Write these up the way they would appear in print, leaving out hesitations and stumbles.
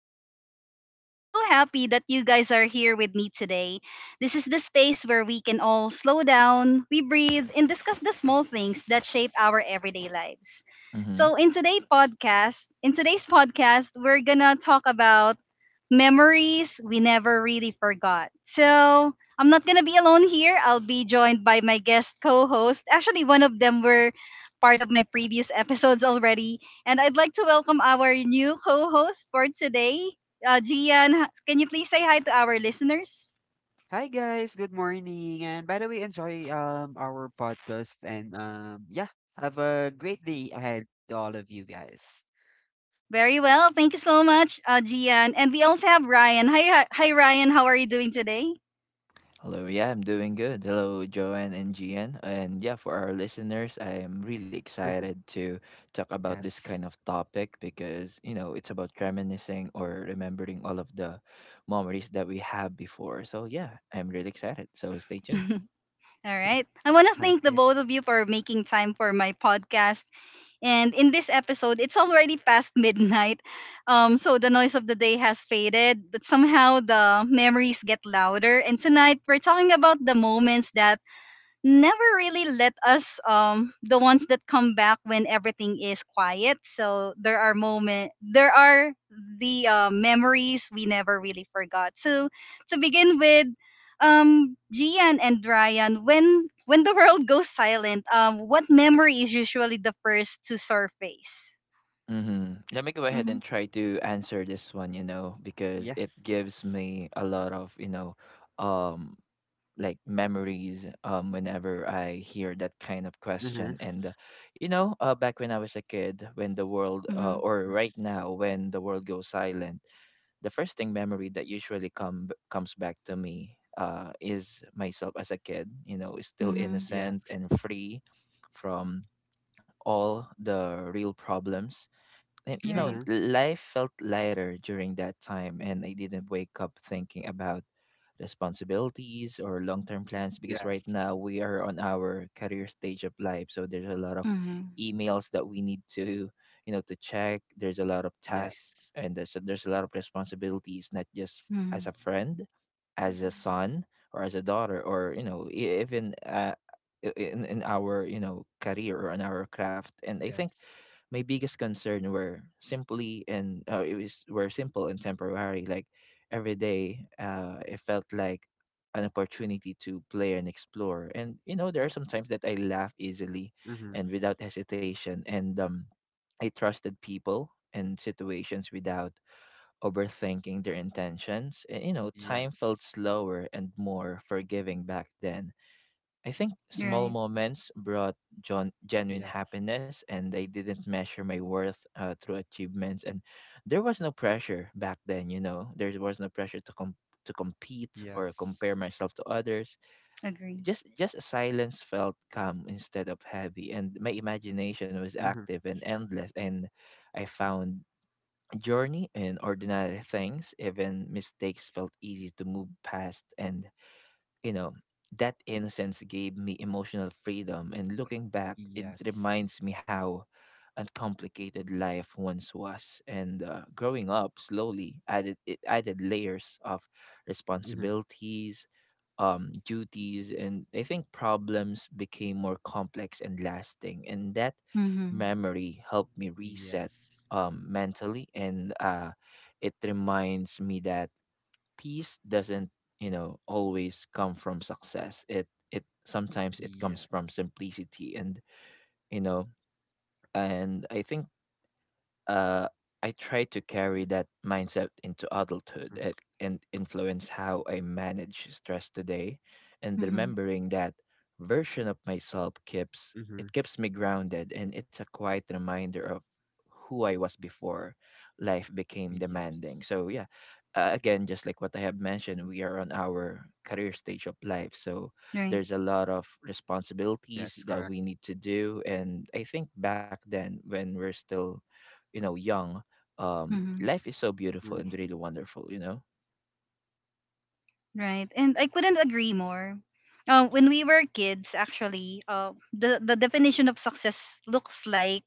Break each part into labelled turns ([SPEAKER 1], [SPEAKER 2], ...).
[SPEAKER 1] your host, Joanne, and I'm so happy that you guys are here with me today. This is the space where we can all slow down, we breathe, and discuss the small things that shape our everyday lives.
[SPEAKER 2] Mm-hmm.
[SPEAKER 1] So, in today's podcast, we're gonna talk about memories we never really forgot. So, I'm not gonna be alone here. I'll be joined by my guest co-host. Actually, one of them were part of my previous episodes already. And I'd like to welcome our new co host for today, Gian. Can you please say hi to our listeners?
[SPEAKER 3] Hi guys, good morning. And by the way, enjoy our podcast and yeah, have a great day ahead to all of you guys.
[SPEAKER 1] Very well. Thank you so much, Gian. And we also have Ryan. Hi, hi, hi, Ryan. How are you doing today?
[SPEAKER 2] Hello, yeah, I'm doing good. Hello, Joanne and Gian. And yeah, for our listeners, I am really excited to talk about this kind
[SPEAKER 3] Yes.
[SPEAKER 2] of topic because, you know, it's about reminiscing or remembering all of the memories that we have before. So yeah, I'm really excited. So stay tuned.
[SPEAKER 1] All right. I want to thank the
[SPEAKER 3] Okay.
[SPEAKER 1] both of you for making time for my podcast. And in this episode, it's already past midnight. So the noise of the day has faded, but somehow the memories get louder. And tonight, we're talking about the moments that never really let us, the ones that come back when everything is quiet. So there are moment, there are the memories we never really forgot. So, to begin with, Gian and Ryan, when the world goes silent, what memory is usually the first to surface?
[SPEAKER 2] Mm-hmm. Let me go ahead
[SPEAKER 1] Hmm.
[SPEAKER 2] and try to answer this one, you know, because
[SPEAKER 3] Yeah.
[SPEAKER 2] it gives me a lot of, um, like memories whenever I hear that kind of
[SPEAKER 3] Uh-huh.
[SPEAKER 2] question and you know back when I was a kid, when the world
[SPEAKER 1] Hmm.
[SPEAKER 2] or
[SPEAKER 3] Mm.
[SPEAKER 2] right now when the world goes silent, the first thing memory that usually comes back to me is myself as a kid, you know, still
[SPEAKER 1] Hmm.
[SPEAKER 2] innocent
[SPEAKER 3] Yes.
[SPEAKER 2] and free from all the real problems. And you know,
[SPEAKER 1] Right.
[SPEAKER 3] Uh-huh.
[SPEAKER 2] life felt lighter during that time, and I didn't wake up thinking about responsibilities or long-term plans, because right now
[SPEAKER 3] Yes.
[SPEAKER 2] we are on our career stage of life, so there's a lot of
[SPEAKER 1] Hmm.
[SPEAKER 2] emails that we need to, you know, to check. There's a lot of tasks,
[SPEAKER 3] Yes.
[SPEAKER 2] and there's a lot of responsibilities, not just as
[SPEAKER 1] Hmm.
[SPEAKER 2] a friend, as a
[SPEAKER 3] Mm-hmm.
[SPEAKER 2] son, or as a daughter, or you know, even in our, you know, career or in our craft. And I think
[SPEAKER 3] Yes.
[SPEAKER 2] my biggest concern were simply and it was were simple and temporary. Like every day, it felt like an opportunity to play and explore. And you know, there are some times that I laugh easily
[SPEAKER 3] Mm-hmm.
[SPEAKER 2] and without hesitation, and I trusted people and situations without overthinking their intentions. And you know, time felt
[SPEAKER 3] Yes.
[SPEAKER 2] slower and more forgiving back then. I think small
[SPEAKER 1] Right.
[SPEAKER 2] moments brought John genuine
[SPEAKER 3] Yeah.
[SPEAKER 2] happiness, and I didn't measure my worth through achievements. And there was no pressure back then, you know. There was no pressure to compete or compare
[SPEAKER 3] Yes.
[SPEAKER 2] myself to others.
[SPEAKER 1] Agree.
[SPEAKER 2] Just a silence felt calm instead of heavy, and my imagination was
[SPEAKER 3] Uh-huh.
[SPEAKER 2] active and endless. And I found journey in ordinary things. Even mistakes felt easy to move past, and you know, that innocence gave me emotional freedom. And looking back, it
[SPEAKER 3] Yes.
[SPEAKER 2] reminds me how uncomplicated life once was. And growing up slowly added layers of
[SPEAKER 3] Uh-huh.
[SPEAKER 2] responsibilities, duties, and I think problems became more complex and lasting. And that
[SPEAKER 1] Mm-hmm.
[SPEAKER 2] memory helped me reset
[SPEAKER 3] Yes.
[SPEAKER 2] mentally, and it reminds me that peace doesn't, you know, always come from success. It it sometimes it comes from
[SPEAKER 3] Yes.
[SPEAKER 2] simplicity, and you know, and I think, uh, I try to carry that mindset into adulthood,
[SPEAKER 3] Mm-hmm.
[SPEAKER 2] and influence how I manage stress today. And
[SPEAKER 1] Hmm.
[SPEAKER 2] remembering that version of myself keeps
[SPEAKER 3] Mm-hmm.
[SPEAKER 2] it keeps me grounded, and it's a quiet reminder of who I was before life became demanding.
[SPEAKER 3] Yes.
[SPEAKER 2] So yeah, again, just like what I have mentioned, we are on our career stage of life, so
[SPEAKER 1] Right.
[SPEAKER 2] there's a lot of responsibilities
[SPEAKER 3] That's
[SPEAKER 2] that
[SPEAKER 3] correct.
[SPEAKER 2] we need to do. And I think back then, when we're still, you know, young,
[SPEAKER 1] Hmm.
[SPEAKER 2] life is so beautiful
[SPEAKER 3] Mm.
[SPEAKER 2] and really wonderful, you know.
[SPEAKER 1] Right. And I couldn't agree more. When we were kids, actually, the definition of success looks like,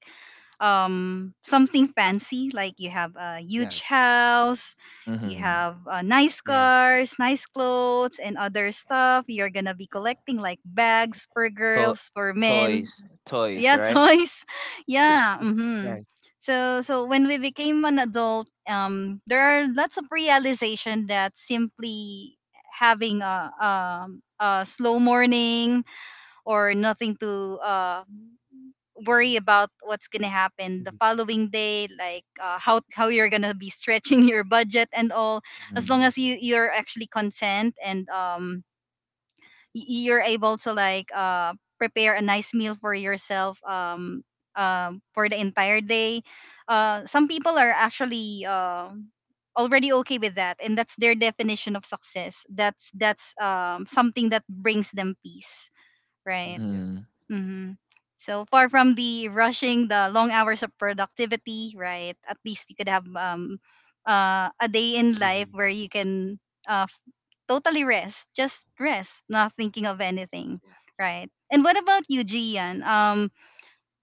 [SPEAKER 1] something fancy, like you have a huge
[SPEAKER 3] Yes.
[SPEAKER 1] house, you
[SPEAKER 2] Mm-hmm.
[SPEAKER 1] have nice
[SPEAKER 3] Yes. Yes.
[SPEAKER 1] cars, nice clothes, and other stuff. You're going to be collecting like bags for
[SPEAKER 2] to-
[SPEAKER 1] girls, for men,
[SPEAKER 2] Toys,
[SPEAKER 3] Mhm. Yeah.
[SPEAKER 2] toys,
[SPEAKER 1] yeah,
[SPEAKER 2] right.
[SPEAKER 1] toys, yeah. Mm-hmm.
[SPEAKER 3] Yes.
[SPEAKER 1] So when we became an adult, there are lots of realization that simply having a slow morning, or nothing to worry about what's gonna happen the
[SPEAKER 3] Mhm.
[SPEAKER 1] following day, like, how you're gonna be stretching your budget and all, as
[SPEAKER 2] Mm-hmm.
[SPEAKER 1] long
[SPEAKER 3] Yeah.
[SPEAKER 1] as you're actually content, and you're able to like prepare a nice meal for yourself, for the entire day. Some people are actually already okay with that, and that's their definition of success. That's something that brings them peace, right?
[SPEAKER 3] Yes.
[SPEAKER 1] Mm-hmm. So far from the rushing, the long hours of productivity, right? At least you could have, a day in life
[SPEAKER 3] Mhm.
[SPEAKER 1] where you can, uh, f- totally rest, just rest, not thinking of anything,
[SPEAKER 3] Yeah.
[SPEAKER 1] right? And what about you, Gian?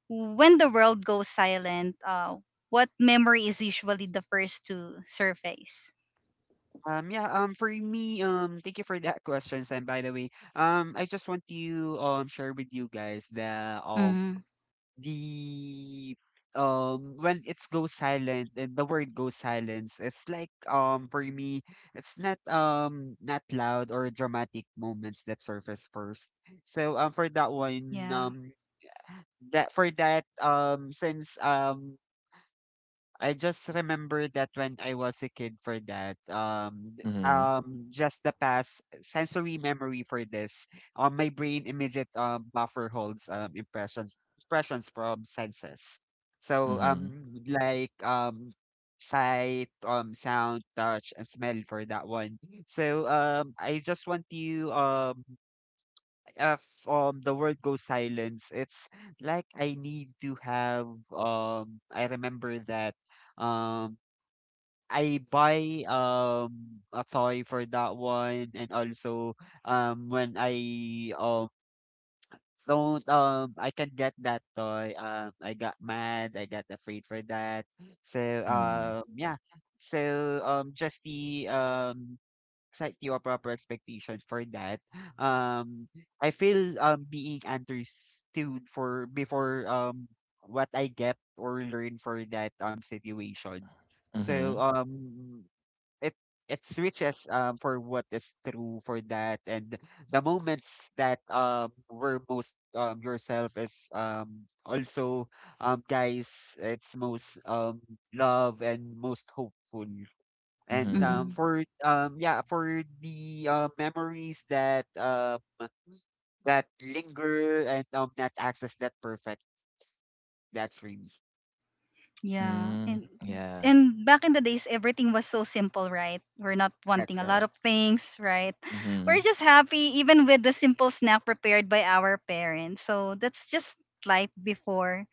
[SPEAKER 1] When the world goes silent, what memory is usually the first to surface?
[SPEAKER 3] Yeah, for me, thank you for that question, Sam, by the way. I just want to share with you guys the
[SPEAKER 1] Mm-hmm.
[SPEAKER 3] the um when it's goes silent and the word goes silence, it's like for me, it's not not loud or dramatic moments that surface first. So for that one,
[SPEAKER 1] Yeah.
[SPEAKER 3] that for that since I just remember that when I was a kid for that,
[SPEAKER 2] Mm-hmm.
[SPEAKER 3] just the past sensory memory for this, my brain immediate buffer holds impressions impressions from senses. So
[SPEAKER 2] Mm-hmm.
[SPEAKER 3] sight, sound, touch, and smell for that one. So I just want you if the world goes silence, it's like I need to have I remember that um I buy a toy for that one and also when I don't I can get that toy I got mad I got afraid for that so
[SPEAKER 2] Mm-hmm.
[SPEAKER 3] um yeah just the set you a proper expectation for that. Um, I feel being understood for before what I get or learn for that situation.
[SPEAKER 2] Mm-hmm. Mm-hmm.
[SPEAKER 3] So it it switches for what is true for that and the moments that were most yourself is also guys it's most love and most hopeful and,
[SPEAKER 2] Mm-hmm.
[SPEAKER 3] yeah, for the, memories that, that linger and, that access that perfect, that's really,
[SPEAKER 1] Yeah,
[SPEAKER 2] Mm-hmm.
[SPEAKER 1] and
[SPEAKER 2] Yeah.
[SPEAKER 1] and back in the days, everything was so simple, right? We're not wanting
[SPEAKER 3] that's
[SPEAKER 1] a lot
[SPEAKER 3] correct.
[SPEAKER 1] of things, right?
[SPEAKER 2] Mm-hmm.
[SPEAKER 1] We're just happy, even with the simple snack prepared by our parents. So that's just life before,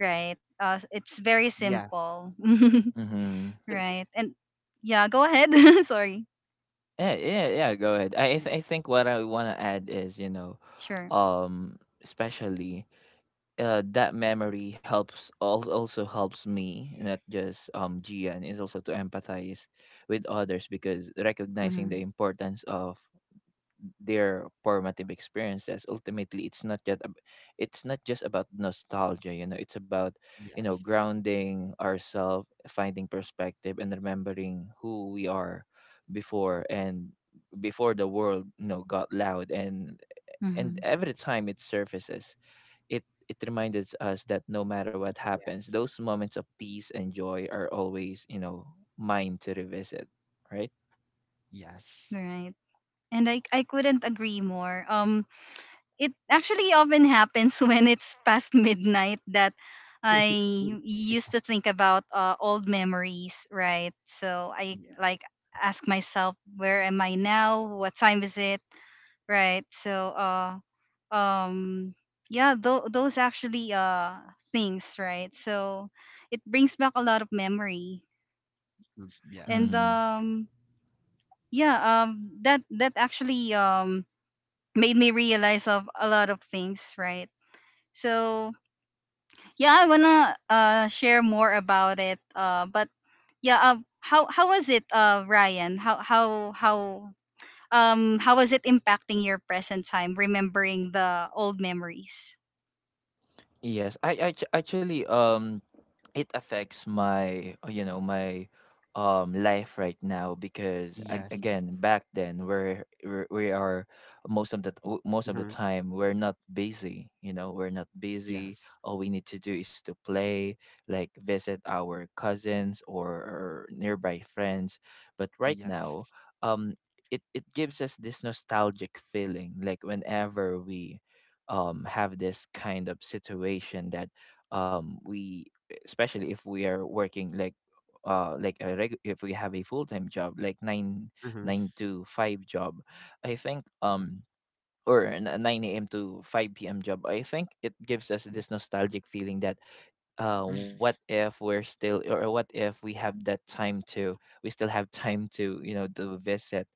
[SPEAKER 1] right? It's very
[SPEAKER 3] Yeah. Yeah.
[SPEAKER 1] simple,
[SPEAKER 2] Mm-hmm.
[SPEAKER 1] right? And yeah, go ahead. Sorry.
[SPEAKER 2] Yeah, yeah, yeah, go ahead.
[SPEAKER 3] Y-
[SPEAKER 2] I think what I want to add is, you know,
[SPEAKER 1] Sure.
[SPEAKER 2] um especially that memory also helps me, not just Gian, is also to empathize with others, because recognizing
[SPEAKER 1] Mm-hmm.
[SPEAKER 2] the importance of their formative experiences, ultimately it's not just about nostalgia, you know. It's about, you know,
[SPEAKER 3] Yes.
[SPEAKER 2] grounding ourselves, finding perspective, and remembering who we are before, and before the world, you know, got loud. And
[SPEAKER 1] Mm-hmm.
[SPEAKER 2] every time it surfaces, it reminded us that no matter what
[SPEAKER 3] Yeah.
[SPEAKER 2] happens, those moments of peace and joy are always, you know, mine to revisit, right?
[SPEAKER 3] Yes.
[SPEAKER 1] Right. And I couldn't agree more. It actually often happens when it's past midnight that I used to think about, old memories, right? So I like
[SPEAKER 3] Yes.
[SPEAKER 1] ask myself, where am I now? What time is it? Right? So, um, yeah, those actually things, right? So it brings back a lot of memory,
[SPEAKER 3] Mhm.
[SPEAKER 1] and
[SPEAKER 3] Yes.
[SPEAKER 1] yeah, that actually made me realize of a lot of things, right? So yeah, I wanna share more about it. But yeah, how was it, Ryan? How was it impacting your present time, remembering the old memories?
[SPEAKER 2] Yes, I actually, it affects my, you know, my life right now, because
[SPEAKER 3] Yes.
[SPEAKER 2] again, back then, we are most of the most of the
[SPEAKER 3] Mhm.
[SPEAKER 2] time we're not busy. You know, we're not busy.
[SPEAKER 3] Yes.
[SPEAKER 2] All we need to do is to play, like visit our cousins or nearby friends. But right now,
[SPEAKER 3] Yes.
[SPEAKER 2] um it it gives us this nostalgic feeling, like whenever we have this kind of situation that, um, we, especially if we are working, like if we have a full time job, like
[SPEAKER 3] Mhm.
[SPEAKER 2] nine to five job, I think, or 9 a.m. to 5 p.m. job, I think it gives us
[SPEAKER 3] Yeah.
[SPEAKER 2] this nostalgic feeling that,
[SPEAKER 3] Mhm.
[SPEAKER 2] what if we have that time to, we still have time to, you know, to visit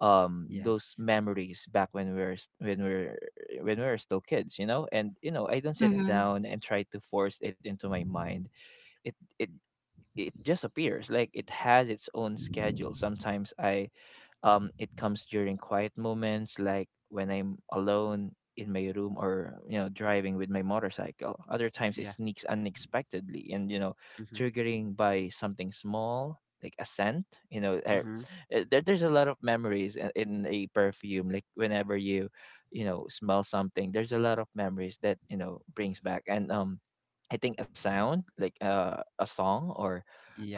[SPEAKER 2] those
[SPEAKER 3] Yes.
[SPEAKER 2] memories back when we're s- when we're still kids, you know. And you know, I don't sit
[SPEAKER 3] Yeah.
[SPEAKER 1] Mm-hmm.
[SPEAKER 2] down and try to force it into my mind. it it it just appears like it has its own schedule. Sometimes, I it comes during quiet moments, like when I'm alone in my room, or you know, driving with my motorcycle. Other times, it
[SPEAKER 3] Yeah.
[SPEAKER 2] sneaks unexpectedly, and you know,
[SPEAKER 3] Mhm.
[SPEAKER 2] triggering by something small, like a scent, you know.
[SPEAKER 3] Mhm.
[SPEAKER 2] There's a lot of memories in a perfume. Like whenever you, you know, smell something, there's a lot of memories that, you know, brings back. And I think a sound, like a song, or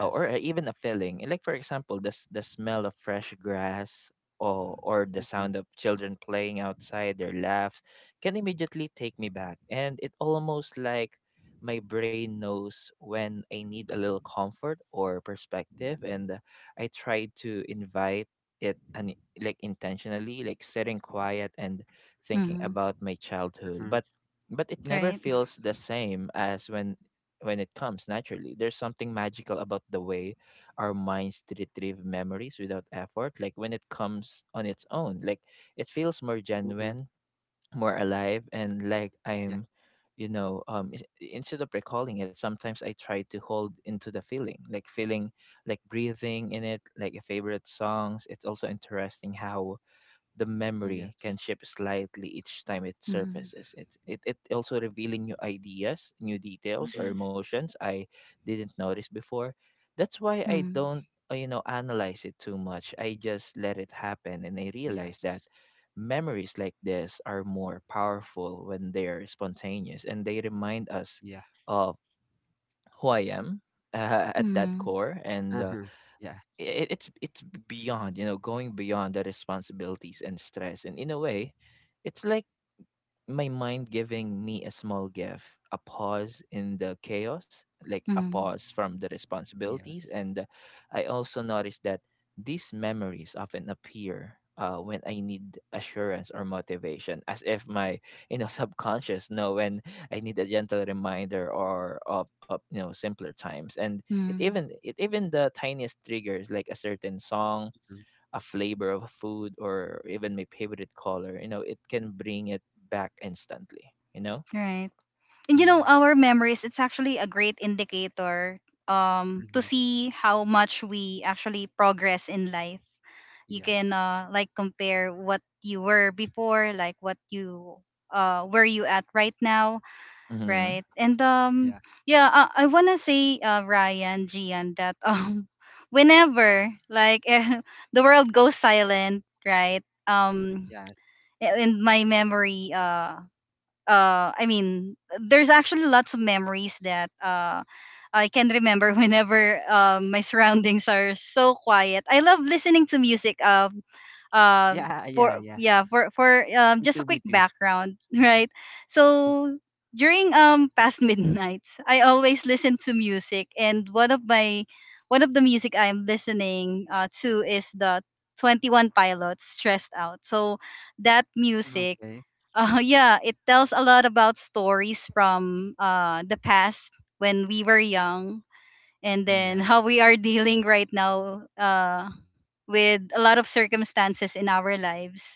[SPEAKER 2] uh, or uh, even a feeling, like for example the smell of fresh grass, or the
[SPEAKER 3] Mhm.
[SPEAKER 2] sound of children playing outside, their laughs, can immediately take me back. And it almost like my brain knows when I need a little comfort or perspective. And I try to invite it, and like intentionally, like sitting quiet and thinking
[SPEAKER 1] Mm-hmm.
[SPEAKER 2] about my childhood,
[SPEAKER 3] Mhm.
[SPEAKER 2] but it never
[SPEAKER 1] Right.
[SPEAKER 2] feels the same as when it comes naturally. There's something magical about the way our minds retrieve memories without effort. Like when it comes on its own, like, it feels more
[SPEAKER 3] Mhm.
[SPEAKER 2] genuine, more alive, and like
[SPEAKER 3] Yeah.
[SPEAKER 2] I'm, you know, instead of recalling it, sometimes I try to hold into the feeling, like breathing in it, like a favorite songs. It's also interesting how the memory can
[SPEAKER 3] Yes.
[SPEAKER 2] shift slightly each time it
[SPEAKER 1] Mm-hmm.
[SPEAKER 2] surfaces. It also revealing new ideas, new details, or
[SPEAKER 3] Mhm.
[SPEAKER 2] emotions I didn't notice before. That's why I
[SPEAKER 1] Mm-hmm.
[SPEAKER 2] don't, you know, analyze it too much. I just let it happen, and I realize that
[SPEAKER 3] Yes.
[SPEAKER 2] memories like this are more powerful when they are spontaneous, and they remind us
[SPEAKER 3] Yeah.
[SPEAKER 2] of who I am at that
[SPEAKER 1] Mm-hmm.
[SPEAKER 2] core. And
[SPEAKER 3] Uh-huh. Yeah.
[SPEAKER 2] it's beyond, you know, going beyond the responsibilities and stress. And in a way, it's like my mind giving me a small gift, a pause in the chaos, like a pause from the responsibilities.
[SPEAKER 3] Yes.
[SPEAKER 2] And I also noticed that these memories often appear when I need assurance or motivation, as if my, you know, subconscious know when I need a gentle reminder or of, you know, simpler times. And
[SPEAKER 1] Mm-hmm.
[SPEAKER 2] it even the tiniest triggers, like a certain song,
[SPEAKER 3] Mhm.
[SPEAKER 2] a flavor of food, or even my favorite color, you know, it can bring it back instantly, you know?
[SPEAKER 1] Right. And you know,
[SPEAKER 3] Yes.
[SPEAKER 1] our memories, it's actually a great indicator, to
[SPEAKER 3] Hmm.
[SPEAKER 1] see how much we actually progress in life. You can
[SPEAKER 3] Yes.
[SPEAKER 1] like compare what you were before, like what you, where you at right now,
[SPEAKER 2] Mm-hmm.
[SPEAKER 1] right? And
[SPEAKER 3] Yeah.
[SPEAKER 1] yeah, I want to say Ryan, Gian, that whenever, like, the world goes silent, right,
[SPEAKER 3] Yes.
[SPEAKER 1] in my memory, I mean there's actually lots of memories that I can remember, whenever my surroundings are so quiet. I love listening to music.
[SPEAKER 3] Yeah. Yeah.
[SPEAKER 1] For,
[SPEAKER 3] Yeah.
[SPEAKER 1] yeah, for
[SPEAKER 3] Me
[SPEAKER 1] just a
[SPEAKER 3] too. Me
[SPEAKER 1] quick
[SPEAKER 3] too.
[SPEAKER 1] background, right? So during, past midnights, I always listen to music, and one of the music I'm listening to is the 21 Pilots, Stressed Out. So that music,
[SPEAKER 3] Okay.
[SPEAKER 1] yeah, it tells a lot about stories from, the past when we were young, and then
[SPEAKER 3] Yes.
[SPEAKER 1] how we are dealing right now, with a lot of circumstances in our lives,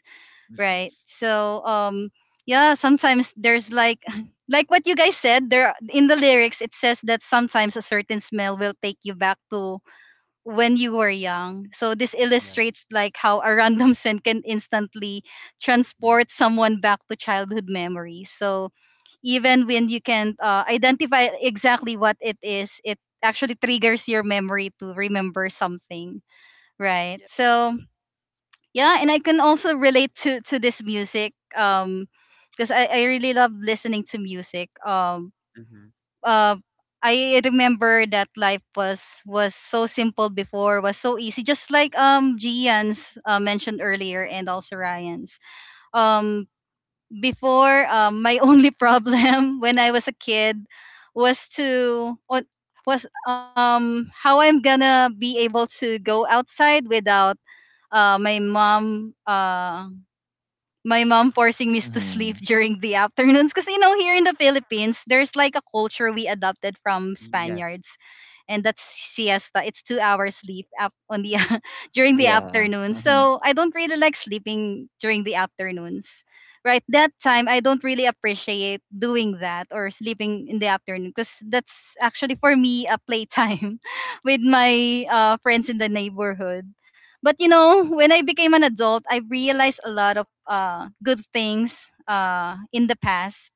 [SPEAKER 1] right?
[SPEAKER 3] Hmm.
[SPEAKER 1] So, yeah, sometimes there's, like what you guys said, there in the lyrics it says that sometimes a certain smell will take you back to when you were young. So this
[SPEAKER 3] Yeah.
[SPEAKER 1] illustrates like how a random scent can instantly
[SPEAKER 3] Yeah.
[SPEAKER 1] transport someone back to childhood memories. So even when you can, identify exactly what it is, it actually triggers your memory to remember something, right?
[SPEAKER 3] Yeah.
[SPEAKER 1] So yeah, and I can also relate to this music. Because I really love listening to music.
[SPEAKER 3] Hmm.
[SPEAKER 1] Uh, I remember that life was so simple before, was so easy, just like Gian's mentioned earlier, and also Ryan's. Um, before, my only problem when I was a kid was, to what was how I'm gonna be able to go outside without uh my mom uh my mom forcing me to
[SPEAKER 2] Mm-hmm.
[SPEAKER 1] sleep during the afternoons, because you know, here in the Philippines there's like a culture we adopted from
[SPEAKER 3] Yes.
[SPEAKER 1] Spaniards, and that's siesta. It's 2 hours sleep up on the, during the
[SPEAKER 2] Yeah.
[SPEAKER 1] afternoon,
[SPEAKER 2] Mm-hmm.
[SPEAKER 1] so I don't really like sleeping during the afternoons, right, that time. I don't really appreciate doing that or sleeping in the afternoon, because that's actually for me a playtime with my, friends in the neighborhood. But you know, when I became an adult, I realized a lot of good things in the past.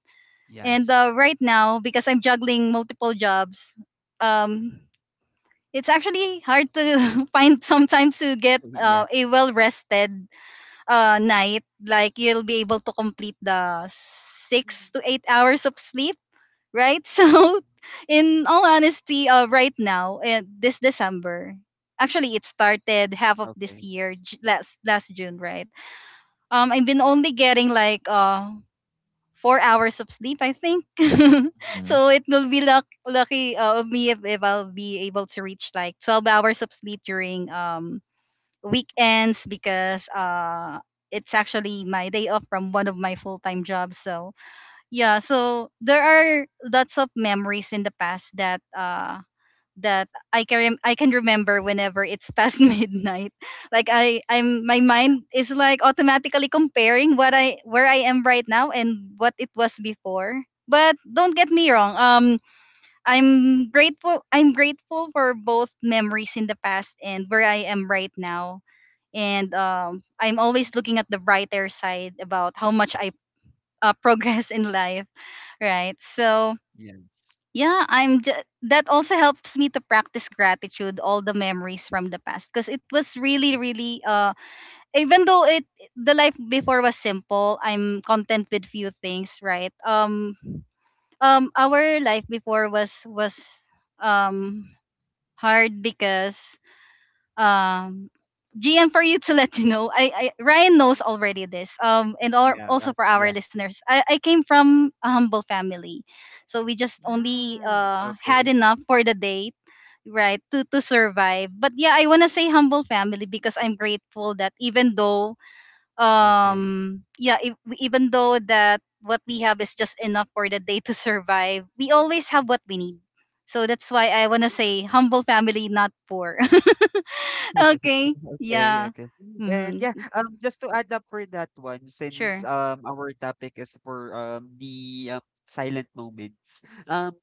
[SPEAKER 1] And
[SPEAKER 3] Yes.
[SPEAKER 1] right now, because I'm juggling multiple jobs, um, it's actually hard to find sometimes to get
[SPEAKER 3] Yeah.
[SPEAKER 1] a well rested night. Like you'll be able to complete the six
[SPEAKER 3] Mhm.
[SPEAKER 1] to eight hours of sleep, right?
[SPEAKER 3] Yes.
[SPEAKER 1] So, in all honesty, right now, this December, actually, it started half of this
[SPEAKER 3] Okay.
[SPEAKER 1] year, last June, right? I've been only getting like 4 hours of sleep, I think.
[SPEAKER 2] Mm-hmm.
[SPEAKER 1] So it will be lucky of me if, I'll be able to reach like 12 hours of sleep during weekends because. It's actually my day off from one of my full time jobs, so yeah, so there are lots of memories in the past that that I can remember whenever it's past midnight. Like I I'm my mind is like automatically comparing what I where I am right now and what it was before. But don't get me wrong, I'm grateful for both memories in the past and where I am right now. And I'm always looking at the brighter side about how much I, progress in life, right? So
[SPEAKER 3] Yes.
[SPEAKER 1] yeah, I'm just, that also helps me to practice gratitude, all the memories from the past, because it was really,
[SPEAKER 3] Hmm.
[SPEAKER 1] really, even though it the life before was simple, I'm content with few things, right? Our life before was um hard because, um Gian, for you to let you know, I Ryan knows already this. And
[SPEAKER 3] Yeah. That,
[SPEAKER 1] also for
[SPEAKER 3] yeah.
[SPEAKER 1] our listeners, I came from a humble family, so we just only
[SPEAKER 3] Mm,
[SPEAKER 1] had
[SPEAKER 3] okay.
[SPEAKER 1] enough for the day, right, to survive. But yeah, I wanna say humble family because I'm grateful that even though,
[SPEAKER 3] Okay.
[SPEAKER 1] yeah, if, even though that what we have is just enough for the day to survive, we always have what we need. So that's why I wanna say
[SPEAKER 3] Mhm.
[SPEAKER 1] humble family, not poor. Okay.
[SPEAKER 3] Okay,
[SPEAKER 1] Yeah.
[SPEAKER 3] okay. And yeah,
[SPEAKER 1] Mhm.
[SPEAKER 3] just to add up for that one, since
[SPEAKER 1] Sure.
[SPEAKER 3] our topic is for the silent moments,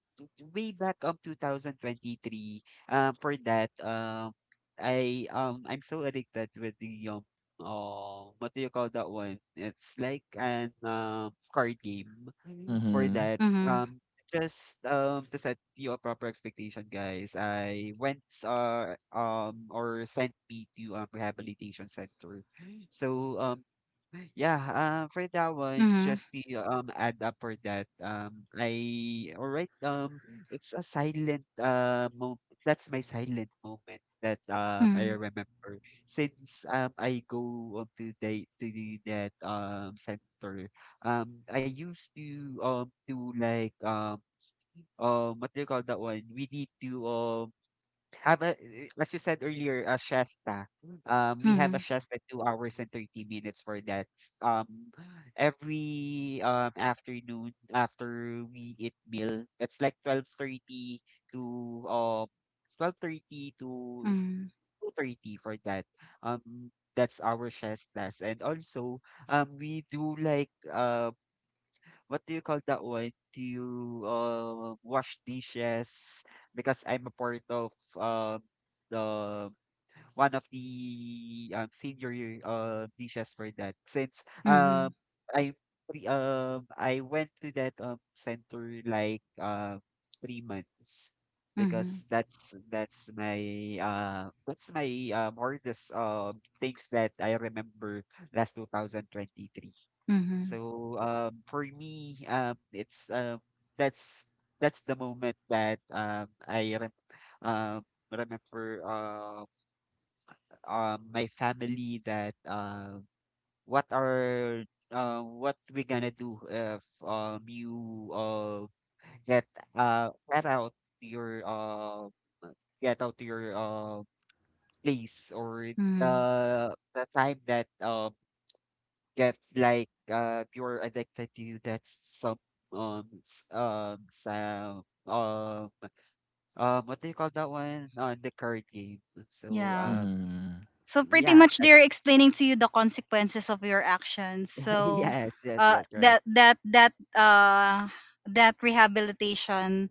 [SPEAKER 3] way back 2023, for that I I'm so addicted with the oh what do you call that one? It's like an card game for
[SPEAKER 2] Mm-hmm.
[SPEAKER 3] that.
[SPEAKER 1] Mhm.
[SPEAKER 3] Just, to set you a proper expectation, guys, I went, or sent me to rehabilitation center. So, yeah, for that one,
[SPEAKER 1] Mhm.
[SPEAKER 3] just to add up for that, I all right, it's a silent moment. That's my silent moment that I
[SPEAKER 1] Mhm.
[SPEAKER 3] remember since I go up to the that center I used to do like what do you call that one? We need to have a as you said earlier, a shasta. We have a
[SPEAKER 1] Mhm.
[SPEAKER 3] shasta 2 hours and 30 minutes for that. Um every afternoon after we eat meal, it's like 12:30 to um 12:30 to
[SPEAKER 1] Mhm.
[SPEAKER 3] 2:30 for that. Um that's our shestas. And also we do like what do you call that one? Do you wash dishes? Because I'm a part of the one of the senior dishes for that. Since
[SPEAKER 1] Mhm.
[SPEAKER 3] I I went to that center like 3 months
[SPEAKER 1] Mhm.
[SPEAKER 3] because that's my uh that's my hardest things that I remember last 2023.
[SPEAKER 1] Mhm.
[SPEAKER 3] So, for me, it's that's that's the moment that I rem um, remember my family that what are what we gonna do if you get get out your get out your uh, place or the
[SPEAKER 1] Mhm.
[SPEAKER 3] the time that get like you're addicted to that some sound what do you call that one on the card game so
[SPEAKER 1] Yeah.
[SPEAKER 2] Mm-hmm.
[SPEAKER 1] So pretty
[SPEAKER 3] yeah
[SPEAKER 1] much
[SPEAKER 3] that,
[SPEAKER 1] they're explaining to you the consequences of your actions. So
[SPEAKER 3] yes,
[SPEAKER 1] uh
[SPEAKER 3] that's correct
[SPEAKER 1] that that that uh that rehabilitation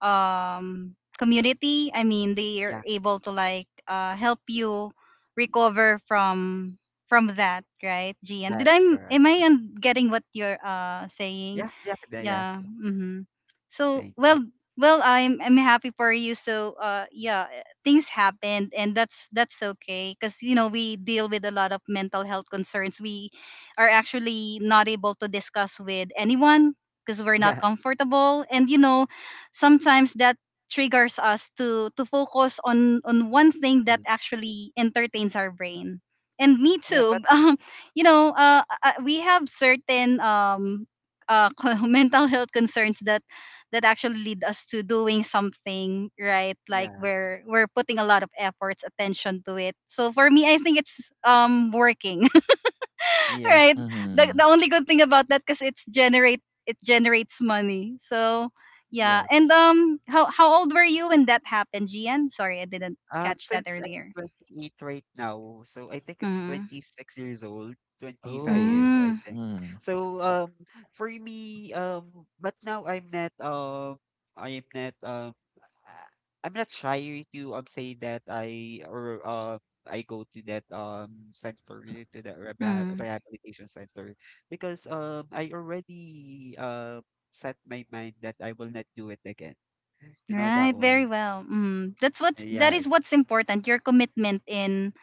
[SPEAKER 1] community. I mean, they're
[SPEAKER 3] yeah
[SPEAKER 1] able to like help you recover from that, right, Gian? Did I
[SPEAKER 3] that's correct
[SPEAKER 1] Am I
[SPEAKER 3] That's-
[SPEAKER 1] getting what you're saying?
[SPEAKER 3] yeah yeah yeah yeah,
[SPEAKER 1] Yeah. Mm-hmm. so
[SPEAKER 3] thank you
[SPEAKER 1] well well, I'm happy for you. So yeah, things happened and that's okay because you know, we deal with a lot of mental health concerns we are actually not able to discuss with anyone because we're not
[SPEAKER 3] yeah
[SPEAKER 1] comfortable. And you know, sometimes that triggers us to focus on one thing that
[SPEAKER 3] mhm.
[SPEAKER 1] actually entertains our brain, and me
[SPEAKER 3] yeah
[SPEAKER 1] too.
[SPEAKER 3] but
[SPEAKER 1] You know, we have certain uh mental health concerns that actually lead us to doing something, right? Like
[SPEAKER 3] yeah
[SPEAKER 1] we're putting a lot of efforts, attention to it. So for me, I think it's working.
[SPEAKER 3] yeah
[SPEAKER 1] Right,
[SPEAKER 2] Mm-hmm.
[SPEAKER 1] the only good thing about that because it generates money. So yeah. And
[SPEAKER 3] yes
[SPEAKER 1] um, how old were you when that happened, Gian? Sorry, I didn't catch that
[SPEAKER 3] Since I'm
[SPEAKER 1] earlier.
[SPEAKER 3] 28 right now, so I think it's
[SPEAKER 1] Mm.
[SPEAKER 3] 26 years old,
[SPEAKER 2] Ooh.
[SPEAKER 3] 25, I
[SPEAKER 1] Mm.
[SPEAKER 3] think.
[SPEAKER 2] Mm.
[SPEAKER 3] So, for me, um, but now I'm not, I'm not, um, uh, I'm not shy to say that I or I go to that center to that reha-
[SPEAKER 1] Mm.
[SPEAKER 3] rehabilitation center because I already set my mind that I will not do it again. You know
[SPEAKER 1] Right.
[SPEAKER 3] that
[SPEAKER 1] Very
[SPEAKER 3] one.
[SPEAKER 1] well. Mm. That
[SPEAKER 3] Yeah,
[SPEAKER 1] is what's important. Your commitment in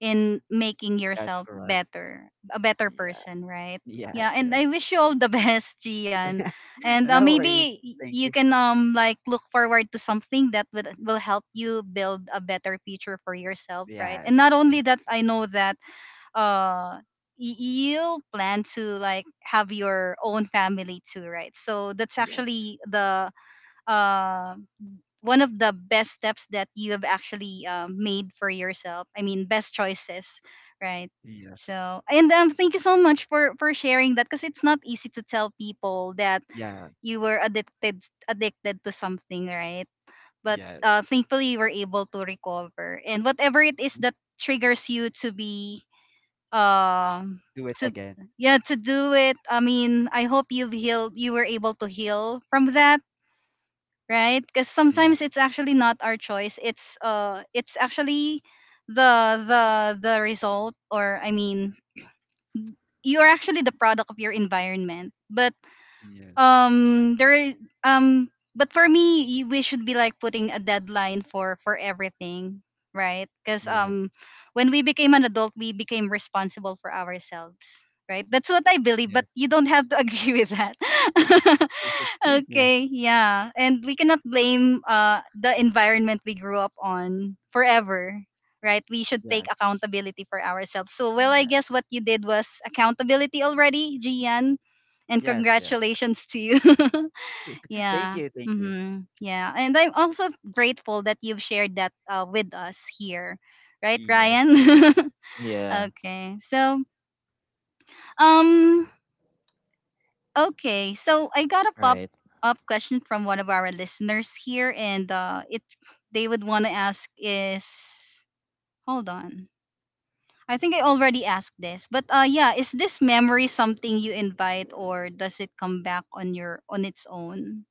[SPEAKER 1] making
[SPEAKER 3] that's
[SPEAKER 1] yourself
[SPEAKER 3] correct.
[SPEAKER 1] better, a better person, right? Yeah,
[SPEAKER 3] Yes,
[SPEAKER 1] and I
[SPEAKER 3] yes.
[SPEAKER 1] wish you all the best, Gian. And
[SPEAKER 3] No
[SPEAKER 1] maybe
[SPEAKER 3] worries. Thank
[SPEAKER 1] you
[SPEAKER 3] you.
[SPEAKER 1] can um, like look forward to something that will help you build a better future for yourself, right? And not
[SPEAKER 3] Yes,
[SPEAKER 1] only
[SPEAKER 3] thank
[SPEAKER 1] that, I know that uh you plan to like have your own family too, right? So that's
[SPEAKER 3] you. Yes,
[SPEAKER 1] actually the um, one of the best steps that you have actually um made for yourself. I mean, best choices, right?
[SPEAKER 3] yes.
[SPEAKER 1] So, and thank you so much for sharing that, because it's not easy to tell people that
[SPEAKER 3] Yeah,
[SPEAKER 1] you were addicted, to something, right? But
[SPEAKER 3] yes.
[SPEAKER 1] thankfully, you were able to recover, and whatever it is that triggers you to be um,
[SPEAKER 3] Do it
[SPEAKER 1] to
[SPEAKER 3] again.
[SPEAKER 1] yeah, to do it. I mean, I hope you've healed. You were able to heal from that, right? Because
[SPEAKER 3] Yeah,
[SPEAKER 1] sometimes it's actually not our choice. It's actually the result, or I mean, you are actually the product of your environment. But
[SPEAKER 3] yes,
[SPEAKER 1] there is um but for me, we should be like putting a deadline for everything, right? Because um,
[SPEAKER 3] yes,
[SPEAKER 1] when we became an adult, we became responsible for ourselves, right? That's what I believe, but
[SPEAKER 3] yes.
[SPEAKER 1] you don't have to agree with that.
[SPEAKER 3] Yeah,
[SPEAKER 1] Okay, yeah, and we cannot blame uh, the environment we grew up on forever, right? We should take
[SPEAKER 3] yes,
[SPEAKER 1] accountability for ourselves. So well, I
[SPEAKER 3] yes,
[SPEAKER 1] guess what you did was accountability already, Gian, and
[SPEAKER 3] yes, yes.
[SPEAKER 1] congratulations to you.
[SPEAKER 3] Thank
[SPEAKER 1] Yeah.
[SPEAKER 3] you, thank you.
[SPEAKER 1] Hmm. Yeah. And I'm also grateful that you've shared that with us here. Right,
[SPEAKER 3] Yes,
[SPEAKER 1] Ryan?
[SPEAKER 2] Yeah.
[SPEAKER 1] Okay. So, um, okay. So I got a pop
[SPEAKER 2] Right.
[SPEAKER 1] up question from one of our listeners here, and it they would want to ask is, hold on. I think I already asked this, but yeah, is this memory something you invite, or does it come back on your, on its own?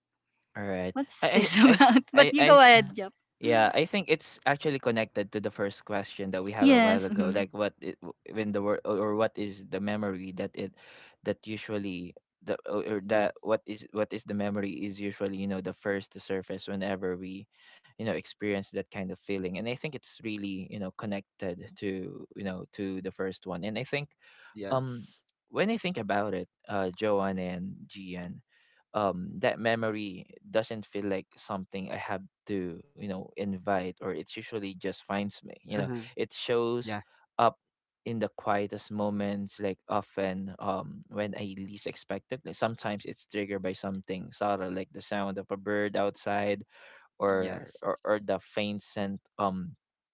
[SPEAKER 2] Alright.
[SPEAKER 1] What's
[SPEAKER 2] I I
[SPEAKER 1] this
[SPEAKER 2] I th-
[SPEAKER 1] about?
[SPEAKER 2] I
[SPEAKER 1] But you
[SPEAKER 2] I
[SPEAKER 1] go
[SPEAKER 2] th-
[SPEAKER 1] ahead, Jap.
[SPEAKER 2] yeah, I think it's actually connected to the first question that we have a while
[SPEAKER 1] Yes.
[SPEAKER 2] ago.
[SPEAKER 1] Mm-hmm.
[SPEAKER 2] Like when the word or what is the memory that usually the or
[SPEAKER 3] mhm,
[SPEAKER 2] that what is the memory is usually the first to surface whenever we experience that kind of feeling. And I think it's really connected to to the first one. And I think, um
[SPEAKER 3] yes.
[SPEAKER 2] when I think about it, Joanne and Gian, that memory doesn't feel like something I have to invite, or it's usually just finds me.
[SPEAKER 3] Uh-huh.
[SPEAKER 2] It
[SPEAKER 3] Yeah,
[SPEAKER 2] shows up in the quietest moments, like often when I least expect it. Like sometimes it's triggered by something subtle, like the sound of a bird outside, or
[SPEAKER 3] yes.
[SPEAKER 2] or, or the faint scent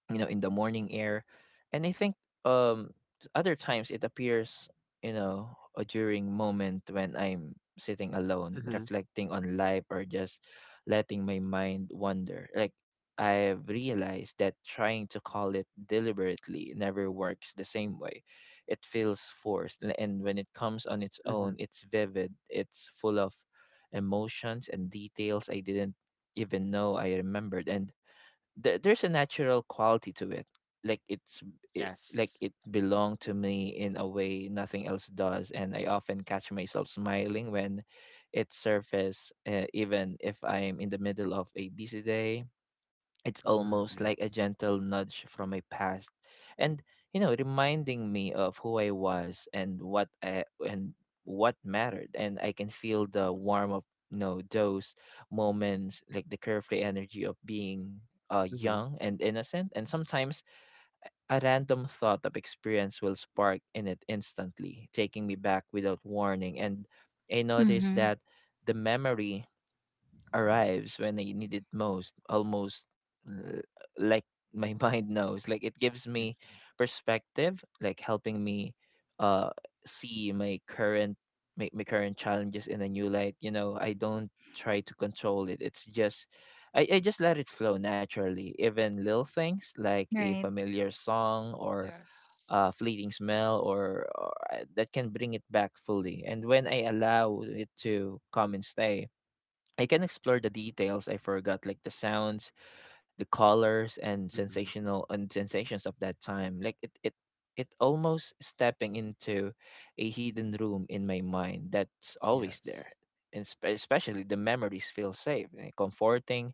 [SPEAKER 2] in the morning air. And I think, um other times it appears, you know during moment when I'm sitting alone,
[SPEAKER 3] Uh-huh.
[SPEAKER 2] reflecting on life, or just letting my mind wander. Like I've realized that trying to call it deliberately never works the same way. It feels forced, and when it comes on its
[SPEAKER 3] Uh-huh.
[SPEAKER 2] own, it's vivid, it's full of emotions and details I didn't even know I remembered. And there's a natural quality to it, like like
[SPEAKER 3] Yes.
[SPEAKER 2] it belonged to me in a way nothing else does. And I often catch myself smiling when it surfaces, even if I'm in the middle of a busy day. It's
[SPEAKER 3] Uh-huh.
[SPEAKER 2] almost like a
[SPEAKER 3] Yes.
[SPEAKER 2] gentle nudge from my past, and reminding me of who I was, and what mattered. And I can feel the warm of those moments, like the carefree energy of being,
[SPEAKER 3] Uh-huh. Yes.
[SPEAKER 2] young and innocent. And sometimes a random thought of experience will spark in it, instantly taking me back without warning. And I noticed
[SPEAKER 1] Mm-hmm.
[SPEAKER 2] that the memory arrives when I need it most, almost l- like my mind knows. Like it gives
[SPEAKER 3] Uh-huh.
[SPEAKER 2] me perspective, like helping me uh see my current my, my current challenges in a new light. You know, I don't try to control it. It's just I just let it flow naturally. Even little things like a
[SPEAKER 1] Right.
[SPEAKER 2] familiar song or
[SPEAKER 3] Yes.
[SPEAKER 2] a fleeting smell or that can bring it back fully. And when I allow it to come and stay, I can explore the details I forgot, like the sounds, the colors and
[SPEAKER 3] Mm-hmm.
[SPEAKER 2] sensational and sensations of that time, like it almost stepping into a hidden room in my mind that's always there.
[SPEAKER 3] Yes.
[SPEAKER 2] And especially the memories feel safe, comforting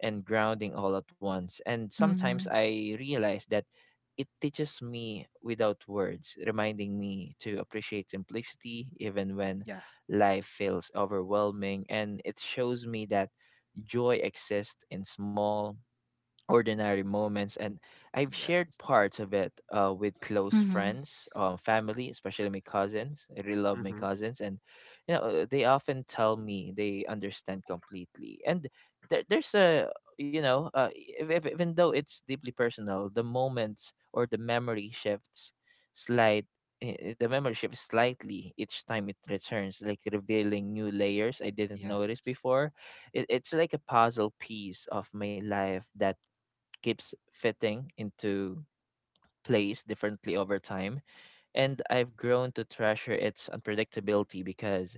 [SPEAKER 2] and grounding all at once. And sometimes
[SPEAKER 1] Mm-hmm.
[SPEAKER 2] I realize that it teaches me without words, reminding me to appreciate simplicity even when
[SPEAKER 3] Yeah.
[SPEAKER 2] life feels overwhelming. And it shows me that joy exists in small, ordinary moments. And I've shared
[SPEAKER 3] Yes.
[SPEAKER 2] parts of it, with close
[SPEAKER 1] Mm-hmm.
[SPEAKER 2] friends, family, especially my cousins. I really love my
[SPEAKER 3] Mm-hmm.
[SPEAKER 2] cousins. And they often tell me they understand completely. And there's a, if, even though it's deeply personal, the moments, or slight the memory shifts slightly each time it returns, like revealing new layers I didn't notice
[SPEAKER 3] Yes.
[SPEAKER 2] before. It's like a puzzle piece of my life that keeps fitting into place differently over time. And I've grown to treasure its unpredictability because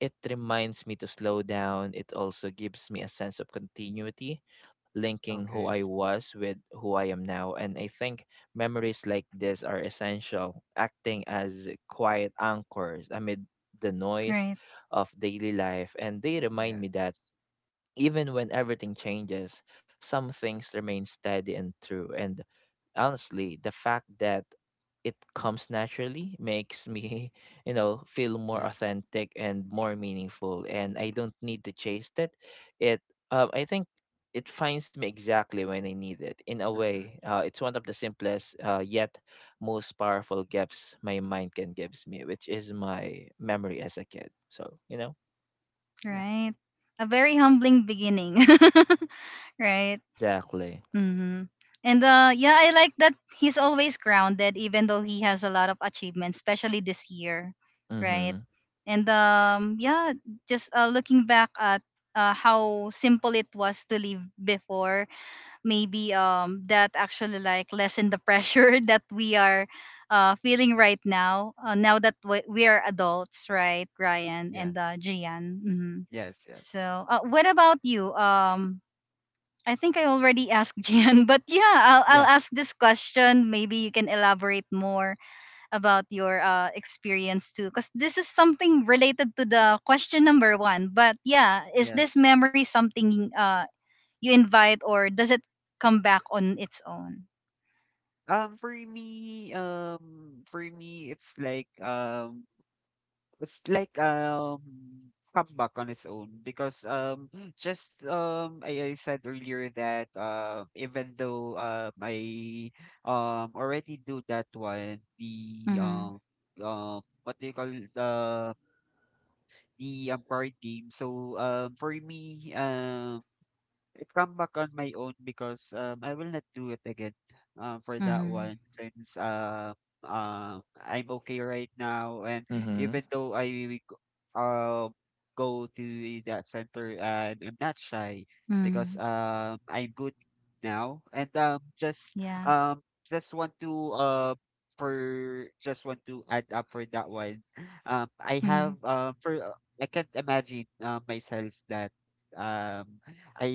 [SPEAKER 2] it reminds me to slow down. It also gives me a sense of continuity, linking who I
[SPEAKER 3] Okay.
[SPEAKER 2] was with who I am now. And I think memories like this are essential, acting as quiet anchors amid the noise
[SPEAKER 1] Right.
[SPEAKER 2] of daily life. And they remind me
[SPEAKER 3] Yes.
[SPEAKER 2] that even when everything changes, some things remain steady and true. And honestly, the fact that it comes naturally makes me, feel more
[SPEAKER 3] Yeah.
[SPEAKER 2] authentic and more meaningful. And I don't need to chase it. It, I think it finds me exactly when I need it. In a
[SPEAKER 3] Mm-hmm.
[SPEAKER 2] way, it's one of the simplest, yet most powerful gifts my mind can gives me, which is my memory as a kid. So
[SPEAKER 3] Yeah.
[SPEAKER 1] Right. A very humbling beginning. Right.
[SPEAKER 2] exactly.
[SPEAKER 1] Mm-hmm. And yeah, I like that he's always grounded, even though he has a lot of achievements, especially this year. Right.
[SPEAKER 2] Mm-hmm.
[SPEAKER 1] And yeah, just looking back at how simple it was to live before, maybe that actually like lessen the pressure that we are uh, feeling right now, now that we are adults, right, Ryan
[SPEAKER 3] Yeah.
[SPEAKER 1] and uh, Gian? Hmm.
[SPEAKER 3] Yes, yes.
[SPEAKER 1] So what about you, um? I think I already asked Gian, but yeah, I'll
[SPEAKER 3] Yeah,
[SPEAKER 1] ask this question, maybe you can elaborate more about your uh, experience too, because this is something related to the question number one. But yeah, is this
[SPEAKER 3] yes.
[SPEAKER 1] memory something uh, you invite, or does it come back on its own?
[SPEAKER 3] For me, it's like it's like um, comeback on its own because I said earlier that even though I already do that one, the
[SPEAKER 1] Mm-hmm.
[SPEAKER 3] Uh. um, what do you call it? The, card game. So, I come back on my own because I will not do it again for that
[SPEAKER 1] Mm-hmm.
[SPEAKER 3] one since I'm okay right now. And
[SPEAKER 2] Mm-hmm.
[SPEAKER 3] even though I will uh, go to that center, I'm not shy because
[SPEAKER 1] Mm-hmm.
[SPEAKER 3] I'm good now. And
[SPEAKER 1] Yeah.
[SPEAKER 3] just want to for just want to add up for that one. I have
[SPEAKER 1] Mm-hmm.
[SPEAKER 3] for I can't imagine myself that. um I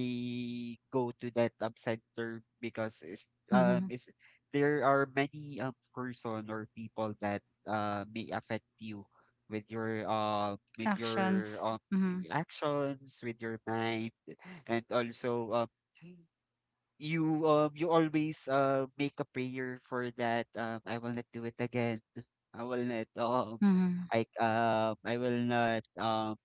[SPEAKER 3] go to that um, center because it's um
[SPEAKER 1] Mm-hmm.
[SPEAKER 3] it's there are many person or people that may affect you with your
[SPEAKER 1] Actions. Mm-hmm.
[SPEAKER 3] actions with your mind and also you always make a prayer for that I will not do it again I will not um
[SPEAKER 1] Mm-hmm.
[SPEAKER 3] I will not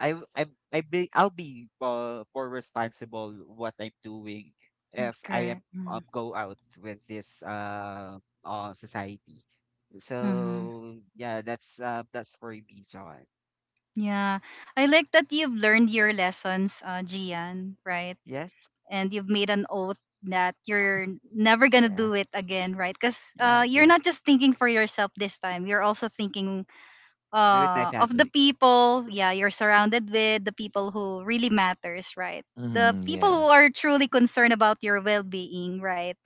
[SPEAKER 3] I w- I'm I be I'll be more responsible what I'm doing if I am
[SPEAKER 1] Correct.
[SPEAKER 3] go out with this society.
[SPEAKER 1] Mm-hmm.
[SPEAKER 3] So yeah, that's for me, John.
[SPEAKER 1] Yeah. I like that you've learned your lessons, Gian, right?
[SPEAKER 3] Yes,
[SPEAKER 1] And you've made an oath that you're never gonna
[SPEAKER 3] yeah,
[SPEAKER 1] do it again, right? Because
[SPEAKER 3] yes,
[SPEAKER 1] you're
[SPEAKER 3] yes.
[SPEAKER 1] not just thinking for yourself this time, you're also thinking
[SPEAKER 3] Be with my
[SPEAKER 1] uh, of the
[SPEAKER 3] family.
[SPEAKER 1] people. Yeah, you're surrounded with the people who really matters, right? The
[SPEAKER 2] Mm-hmm.
[SPEAKER 1] people
[SPEAKER 3] Yes,
[SPEAKER 2] Yeah.
[SPEAKER 1] who are truly concerned about your well-being, right?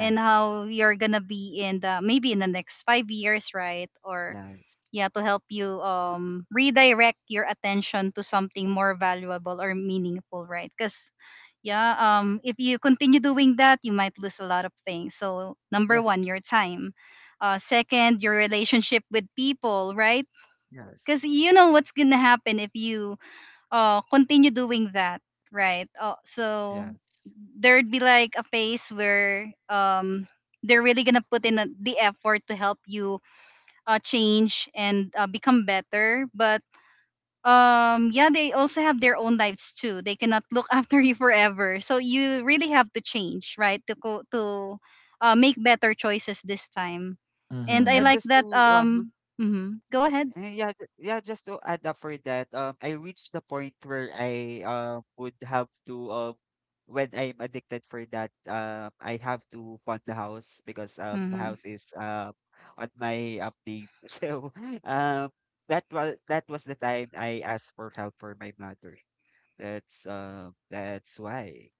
[SPEAKER 1] And how you're gonna be in the, maybe in the next 5 years, right? Or
[SPEAKER 3] yes,
[SPEAKER 1] yeah, to help you um, redirect your attention to something more valuable or meaningful, right? Because yeah, um, if you continue doing that, you might lose a lot of things. So, number
[SPEAKER 3] yeah,
[SPEAKER 1] one, your time. Uh, second, your relationship with people, right? Because
[SPEAKER 3] yes,
[SPEAKER 1] you know what's gonna happen if you uh, continue doing that, right? Uh, so
[SPEAKER 3] yes.
[SPEAKER 1] there'd be like a phase where um, they're really gonna put in the effort to help you change and become better. But um, yeah, they also have their own lives too, they cannot look after you forever, so you really have to change, right? To go to make better choices this time. And I
[SPEAKER 3] Yeah,
[SPEAKER 2] Mm-hmm.
[SPEAKER 1] like
[SPEAKER 3] just
[SPEAKER 1] that
[SPEAKER 3] to uh,
[SPEAKER 1] um, mhm, go ahead.
[SPEAKER 3] Yeah, just to add up for that, I reached the point where I would have to, when I'm addicted for that, I have to fund the house because the
[SPEAKER 1] Mm-hmm.
[SPEAKER 3] house is on my up name. So um, that was the time I asked for help for my mother. That's why.